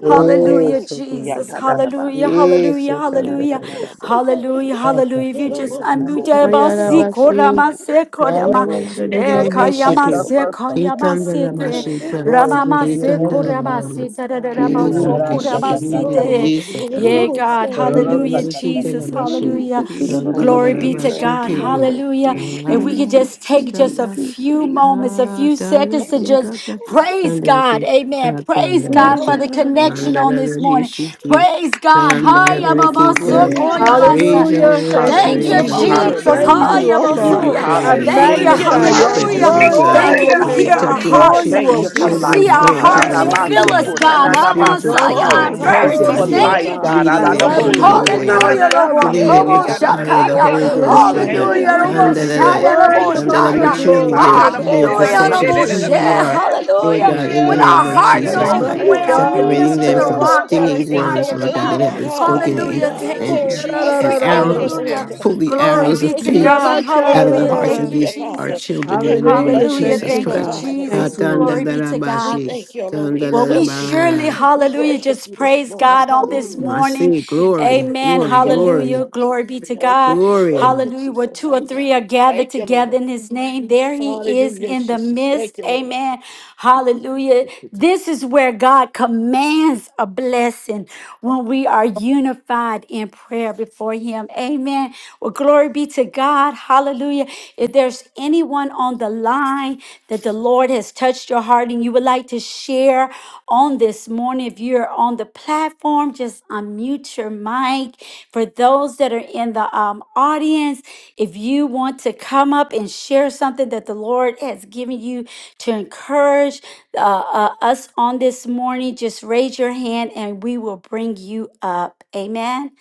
Yes,
Hallelujah,
so
Ita ina Itadadadabose. na
Jesus.
good.
Hallelujah.
kotadadadabasaka.
Yes,
Hallelujah.
Nananadabose ki.
Hallelujah. Hallelujah.
Inananadabosaka. Yatadadabasaha.
Hallelujah. If you
Yeah,
just
da da da
unmute
da
your
to
da
it
mouth,
da bo
see,
go.
so
Ayarabashi,
korama,
cool.
se,
Na na
korama,
bo se ke
eh,
Ta
ya
ta
ta ta
ta
da
kayama,
ta
Ayarabashi,
da
se,
ta
bo sa.
kayama, se,
Na na
te,
na na
Kitandarabashita,
bo
Glory be
ramama,
your
se,
ya
name,
ta
O
ta da
God.
korama,
da
se,
bo
Kitandarabamas,
da,
sa.
da, da, da, ma,
Jesus,
God.
so,
Marara
Ya na
Kirulubishi,
Jesus,
korama,
na
sata
da
se,
ta
Kirindi,
ta
bo
ta.
te.
so
yes,
cool to da
Yeah,
Abandi,
da bo
God.
se ke.
Hallelujah,
Jesus, Jesus,
Jesus.
Kitandabashi,
Oh
Hallelujah.
Jesus, you know, no, no,
Jesus,
no, no,
Glory
no,
be to
no.
Jesus,
Kandarabashi,
God.
Jesus,
Hallelujah. If
Jesus,
we could
ah.
Jesus,
just take
Jesus,
just a
Kindi,
Jesus,
Jesus.
few
Jesus,
moments, a few
Praise you,
seconds to
Lord.
just
Jesus, Jesus,
Praise.
praise
Jesus,
God. Amen. Praise
Lord, no,
God for
no,
the
no, no,
Jesus,
no, no, no.
connection
no.
on this
Jesus,
morning. Praise God. Hiya,
Oh,
Kotoro.
Jesus,
Baba,
Jesus,
Glory
Yeah,
to
Thank you,
Sokoya,
your
Jesus,
God, we
name.
Jesus.
Basaya.
Thank
know,
Hallelujah.
thank
you,
Thank
you.
you,
Thank
Father.
you,
I
Hallelujah!
Jesus.
give
I
you
Jesus.
praise.
praise
Hallelujah!
you,
Yes,
Hiya,
oh
I
thank
give
Lord.
you
you,
Oh
Basaya.
I
God,
Lord.
we
praise.
Thank
thank
you.
Glory
I
to
you,
Hallelujah!
magnify
give
your
you
you. I
name.
God.
praise,
Hallelujah.
Lord
Hallelujah!
glorify
God,
Thank you.
Oh
your
Thank
Hallelujah
You
you,
for
God,
you
hear
name.
we
I
our
Jesus.
touching
thank
the
Lord.
adore
you,
hearts.
chi-
you,
Thank
oh
you
these
God.
for
You
God.
children
life,
see
and
Oh
our
Glory,
God.
glory,
oh,
God,
hearts.
no,
grandchildren
You
no,
help
no, no,
feel
me,
no,
represented,
us,
no, no,
glory,
God.
these
God.
no,
I
glory,
spiritual
want
glory.
you.
Messiah,
children
Oh
I
Thank
God,
you,
we
Thank you
adore
represented
for
infirmities.
bless
you,
your
oh
here,
Father.
Thank
life,
you,
name,
God.
God.
I
meeting
Jesus.
Jesus.
them,
love
Lord
Thank
you,
God,
Hallelujah,
you,
where
Lord.
they
God.
Lord.
I
are,
Hallelujah,
love
Lord.
you,
filling
Yeah,
them
Lord.
Glory
with
Homo
the
God,
to
we
your
fire of the
thank
name.
Oh,
you,
I
Holy
Lord.
bless
Ghost,
your
Lord
Hallelujah.
Thank
God
Hallelujah,
name,
no,
you,
Hallelujah,
no,
oh
no, no,
God.
Lord.
God.
no.
Jesus.
Thank
You're
you,
Shaya,
Oh
worthy
Thank
Lord.
God,
of
um,
you,
we
that
all
are
the
thank you for
Jesus.
your
maturing
Worthy,
glory,
their
worthy,
all
goodness,
the
oh
their
honor,
worthy,
and all
Hallelujah,
God.
the
perception of
worthy,
Lord.
who
praise.
you
Oh
worthy.
are,
God, we
Lord
Hallelujah.
thank
Yeah,
God, in the
you
yeah,
When
yeah,
our
name
da,
of
da,
for
hearts
your
yeah,
What a
Jesus
are
yeah, yeah,
Christ,
mercy,
yeah,
mighty
oh
yeah, yeah,
overwhelmed,
God.
God
lead
we
Papa.
us
separating
to
them
the
serve,
Oh,
from
oh
Oh
rock
God.
that
God, you've
stinging
is
been
thank
Thank
so
words,
higher
you,
you,
Lord
than
God,
good,
that
I.
oh
have
Jesus.
been
Jesus.
Thank
spoken
God.
you,
in
Hallelujah.
God.
Thank
Who
you,
Oh
Yeah,
and
Hallelujah.
da, da,
Father,
da,
and
Jesus.
we
da, da,
thank
Thank
da.
you,
you,
arrows,
Thank
Hallelujah.
Lord.
sekenanamasa.
Lord.
pull
you.
the
Glory
God,
arrows
Who
be
you're
of
a
to
Yeah,
pain
good,
Jesus,
God.
rabba,
good
sha,
thank
da,
out
you,
of
Father.
da,
the
Hallelujah.
da,
thank
hearts
you,
of
Thank
da.
you,
Hallelujah,
these
thank
our
God.
you.
Jesus.
children in the
And we
name of
Thank
Hallelujah.
you,
bless your
Hallelujah.
Thank
Jesus
thank
you,
name,
Thank
oh
you,
you,
Christ.
God.
thank
God.
you,
Thank
Jesus.
you,
Lord.
Glory be
Lord.
to
And we
God.
Katandadarabashi,
thank you, Lord. We
Thank
Well,
you,
we
exalt you.
Lord.
surely,
Thank
kandadaraba.
you,
We
hallelujah,
Father.
worship
just
you this
praise
morning.
God on this
Woo,
Hallelujah.
I
morning.
say
Hallelujah.
glory,
Amen.
Thank
glory,
you, Lord.
Hallelujah.
glory,
Glory be to
Hallelujah.
Thank you,
God.
Lord. Thank
glory.
you,
Hallelujah. Where
Jesus.
two or
Hallelujah.
three are gathered
Thank you,
together
Lord.
in
Thank
his name,
you,
there he is
Hallelujah,
in the
Jesus.
midst.
Thank you, Lord.
Amen. Hallelujah. This is where God commands a blessing when we are unified in prayer before him. Amen. Well, glory be to God. Hallelujah. If there's there's anyone on the line that the Lord has touched your heart and you would like to share on this morning, if you're on the platform, just unmute your mic. For those that are in the um, audience, if you want to come up and share something that the Lord has given you to encourage uh, uh, us on this morning, just raise your hand and we will bring you up. Amen.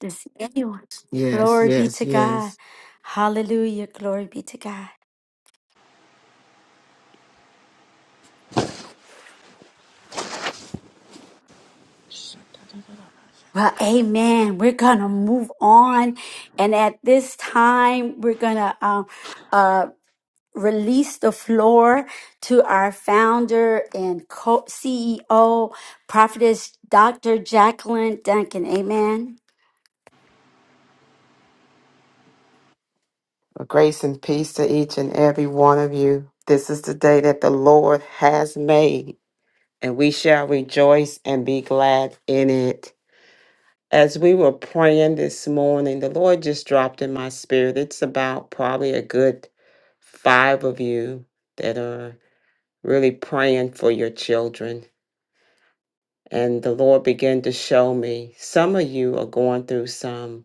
Does anyone?
Yes,
Glory be
yes,
to God.
yes.
Hallelujah. Glory be to God. Well, amen. We're going to move on. And at this time, we're going to um, uh, release the floor to our founder and co- CEO, Prophetess Dr. Jacqueline Duncan. Amen.
Well, Grace and peace to each and every one of you. This is the day that the Lord has made, and we shall rejoice and be glad in it. As we were praying this morning, the Lord just dropped in my spirit. It's about probably a good five of you that are really praying for your children. And the Lord began to show me some of you are going through some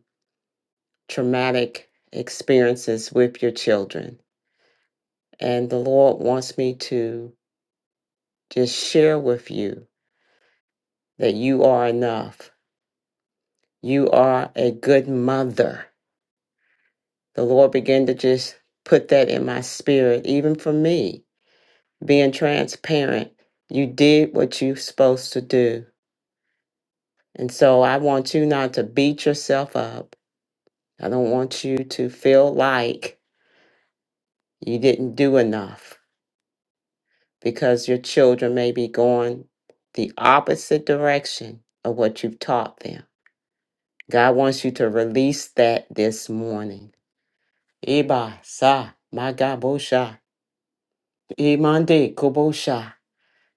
traumatic experiences with your children. And the Lord wants me to just share with you that you are enough. You are a good mother. The Lord began to just put that in my spirit, even for me, being transparent. You did what you're supposed to do. And so I want you not to beat yourself up. I don't want you to feel like you didn't do enough because your children may be going the opposite direction of what you've taught them. God wants you to release that this morning Iba sa magabosha. Imande kobosha.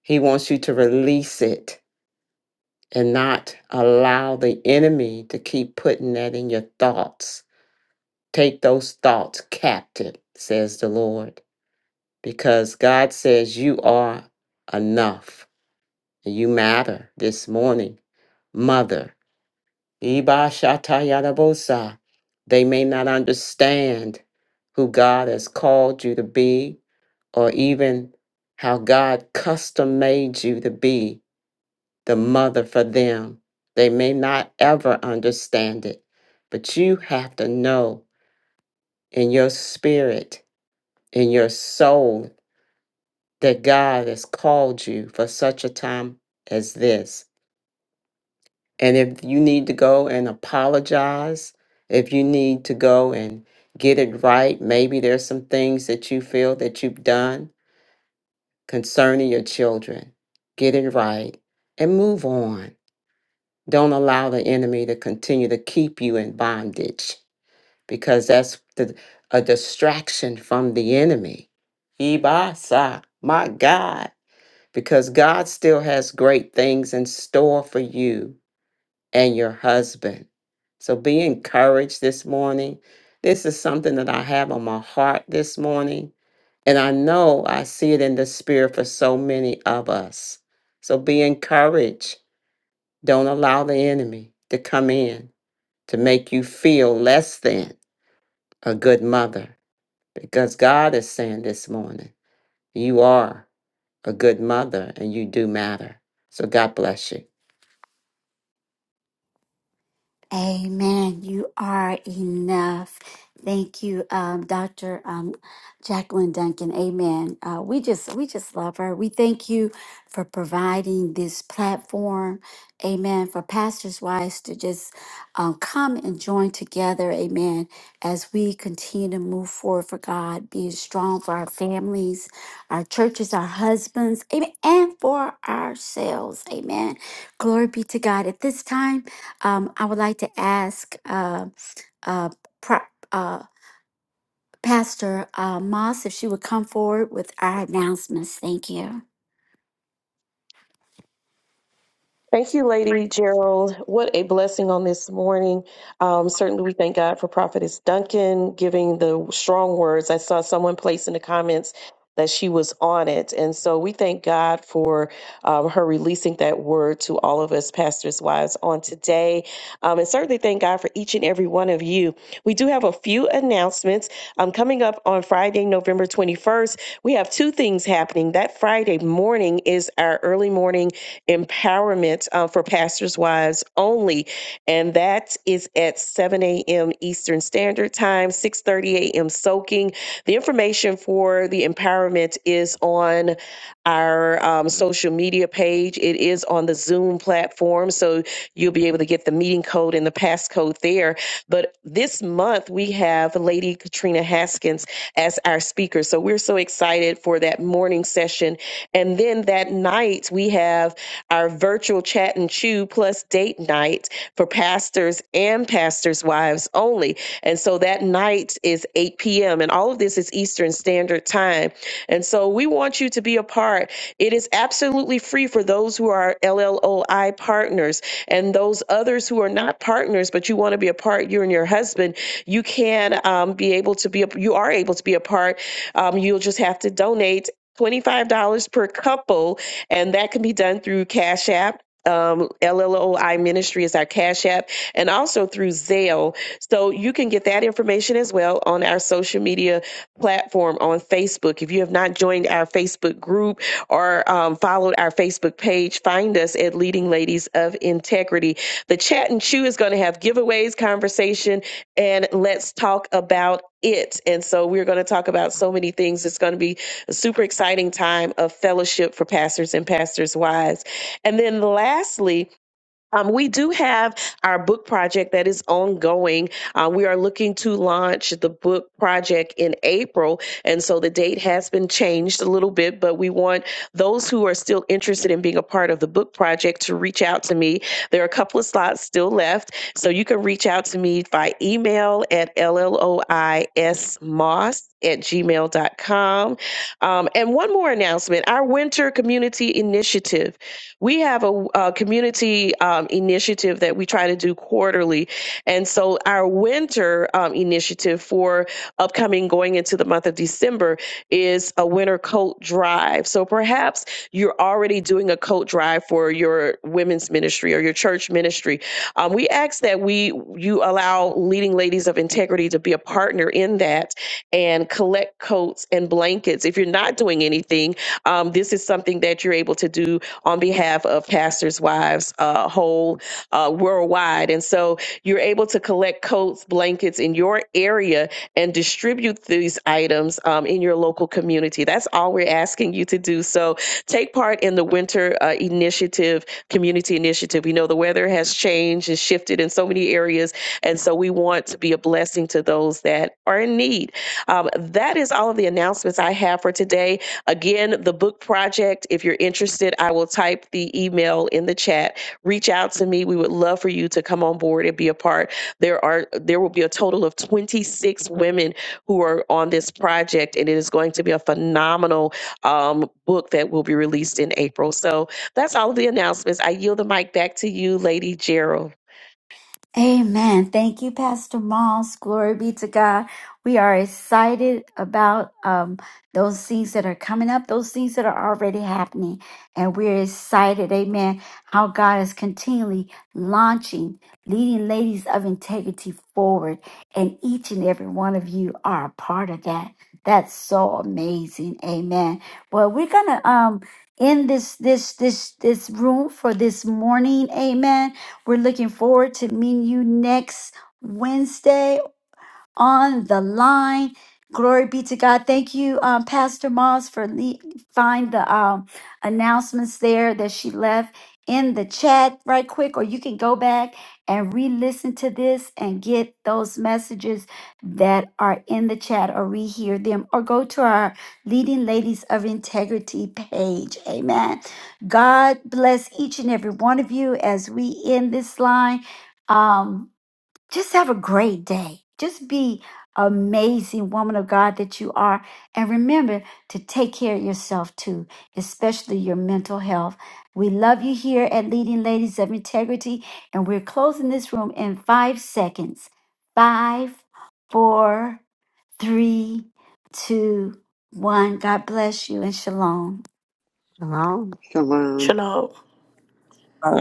He wants you to release it and not allow the enemy to keep putting that in your thoughts. Take those thoughts captive, says the Lord, because God says you are enough. You matter this morning, mother. Iba shatayadabosa. They may not understand who God has called you to be or even how God custom made you to be the mother for them. They may not ever understand it, but you have to know in your spirit, in your soul, that God has called you for such a time as this. And if you need to go and apologize, if you need to go and get it right, maybe there's some things that you feel that you've done concerning your children. Get it right and move on. Don't allow the enemy to continue to keep you in bondage because that's the, a distraction from the enemy. Ibasa, my God, because God still has great things in store for you and your husband. So be encouraged this morning. This is something that I have on my heart this morning and I know I see it in the spirit for so many of us. So be encouraged. Don't allow the enemy to come in to make you feel less than a good mother because God is saying this morning, you are a good mother and you do matter. So God bless
Amen. You are enough. Thank you, um, Dr. Um, Jacqueline Duncan. Amen. Uh, we just we just love her. We thank you for providing this platform. Amen. For pastors' wives to just um, come and join together. Amen. As we continue to move forward for God, being strong for our families, our churches, our husbands. Amen. And for ourselves. Amen. Glory be to God. At this time. Um, I would like to ask uh, uh, pro- uh, Pastor uh, Moss if she would come forward with our announcements. Thank you.
Thank you, Lady Gerald. What a blessing on this morning. Um, certainly, we thank God for Prophetess Duncan giving the strong words. I saw someone place in the comments that she was on it. And so we thank God for um, her releasing that word to all of us, pastors' wives, on today. Um, and certainly thank God for each and every one of you. We do have a few announcements. Um, coming up on Friday, November 21st, we have two things happening. That Friday morning is our early morning empowerment uh, for pastors' wives only, and that is at 7 a.m. Eastern Standard Time, 6:30 a.m. Soaking. The information for the empowerment is on our um, social media page. It is on the Zoom platform, so you'll be able to get the meeting code and the passcode there. But this month we have Lady Katrina Haskins as our speaker, so we're so excited for that morning session, and then that night we have our virtual chat and chew plus date night for pastors and pastors' wives only. And so that night is 8 p.m. And all of this is Eastern Standard Time. And so we want you to be a part. It is absolutely free for those who are LLOI partners and those others who are not partners, but you want to be a part, you and your husband, you can um, be able to be, a, you are able to be a part. Um, you'll just have to donate. $25 per couple and that can be done through Cash App. Um, LLOI Ministry is our Cash App, and also through Zelle. So you can get that information as well on our social media platform on Facebook. If you have not joined our Facebook group or um, followed our Facebook page, find us at Leading Ladies of Integrity. The chat and chew is going to have giveaways, conversation, and let's talk about it. And so we're going to talk about so many things. It's going to be a super exciting time of fellowship for pastors and pastors' wives. And then lastly, um, we do have our book project that is ongoing. Uh, we are looking to launch the book project in April. And so the date has been changed a little bit, but we want those who are still interested in being a part of the book project to reach out to me. There are a couple of slots still left. So you can reach out to me by email at LLOISMoss at gmail gmail.com. Um, and one more announcement our winter community initiative. We have a, a community um, initiative that we try to do quarterly. And so our winter um, initiative for upcoming going into the month of December is a winter coat drive. So perhaps you're already doing a coat drive for your women's ministry or your church ministry. Um, we ask that we you allow leading ladies of integrity to be a partner in that and collect coats and blankets. If you're not doing anything, um, this is something that you're able to do on behalf of pastors' wives uh, whole uh, worldwide. And so you're able to collect coats, blankets in your area and distribute these items um, in your local community. That's all we're asking you to do. So take part in the winter uh, initiative, community initiative. We know the weather has changed and shifted in so many areas. And so we want to be a blessing to those that are in need. Um, that is all of the announcements I have for today. Again, the book project, if you're interested, I will type the email in the chat. Reach out to me. We would love for you to come on board and be a part. There are there will be a total of 26 women who are on this project, and it is going to be a phenomenal um, book that will be released in April. So that's all of the announcements. I yield the mic back to you, Lady Gerald.
Amen. Thank you, Pastor Moss. Glory be to God. We are excited about um, those things that are coming up, those things that are already happening. And we're excited, amen, how God is continually launching, leading ladies of integrity forward. And each and every one of you are a part of that. That's so amazing. Amen. Well, we're gonna um end this this this this room for this morning. Amen we're looking forward to meeting you next Wednesday on the line. Glory be to God. Thank you, um, Pastor Moss, for le- find the um, announcements there that she left in the chat right quick, or you can go back and re-listen to this and get those messages that are in the chat or rehear them or go to our leading ladies of integrity page amen god bless each and every one of you as we end this line Um just have a great day. Just be amazing woman of God that you are. And remember to take care of yourself too, especially your mental health. We love you here at Leading Ladies of Integrity. And we're closing this room in five seconds. Five, four, three, two, one. God bless you and shalom.
you.
Shalom.
Lord.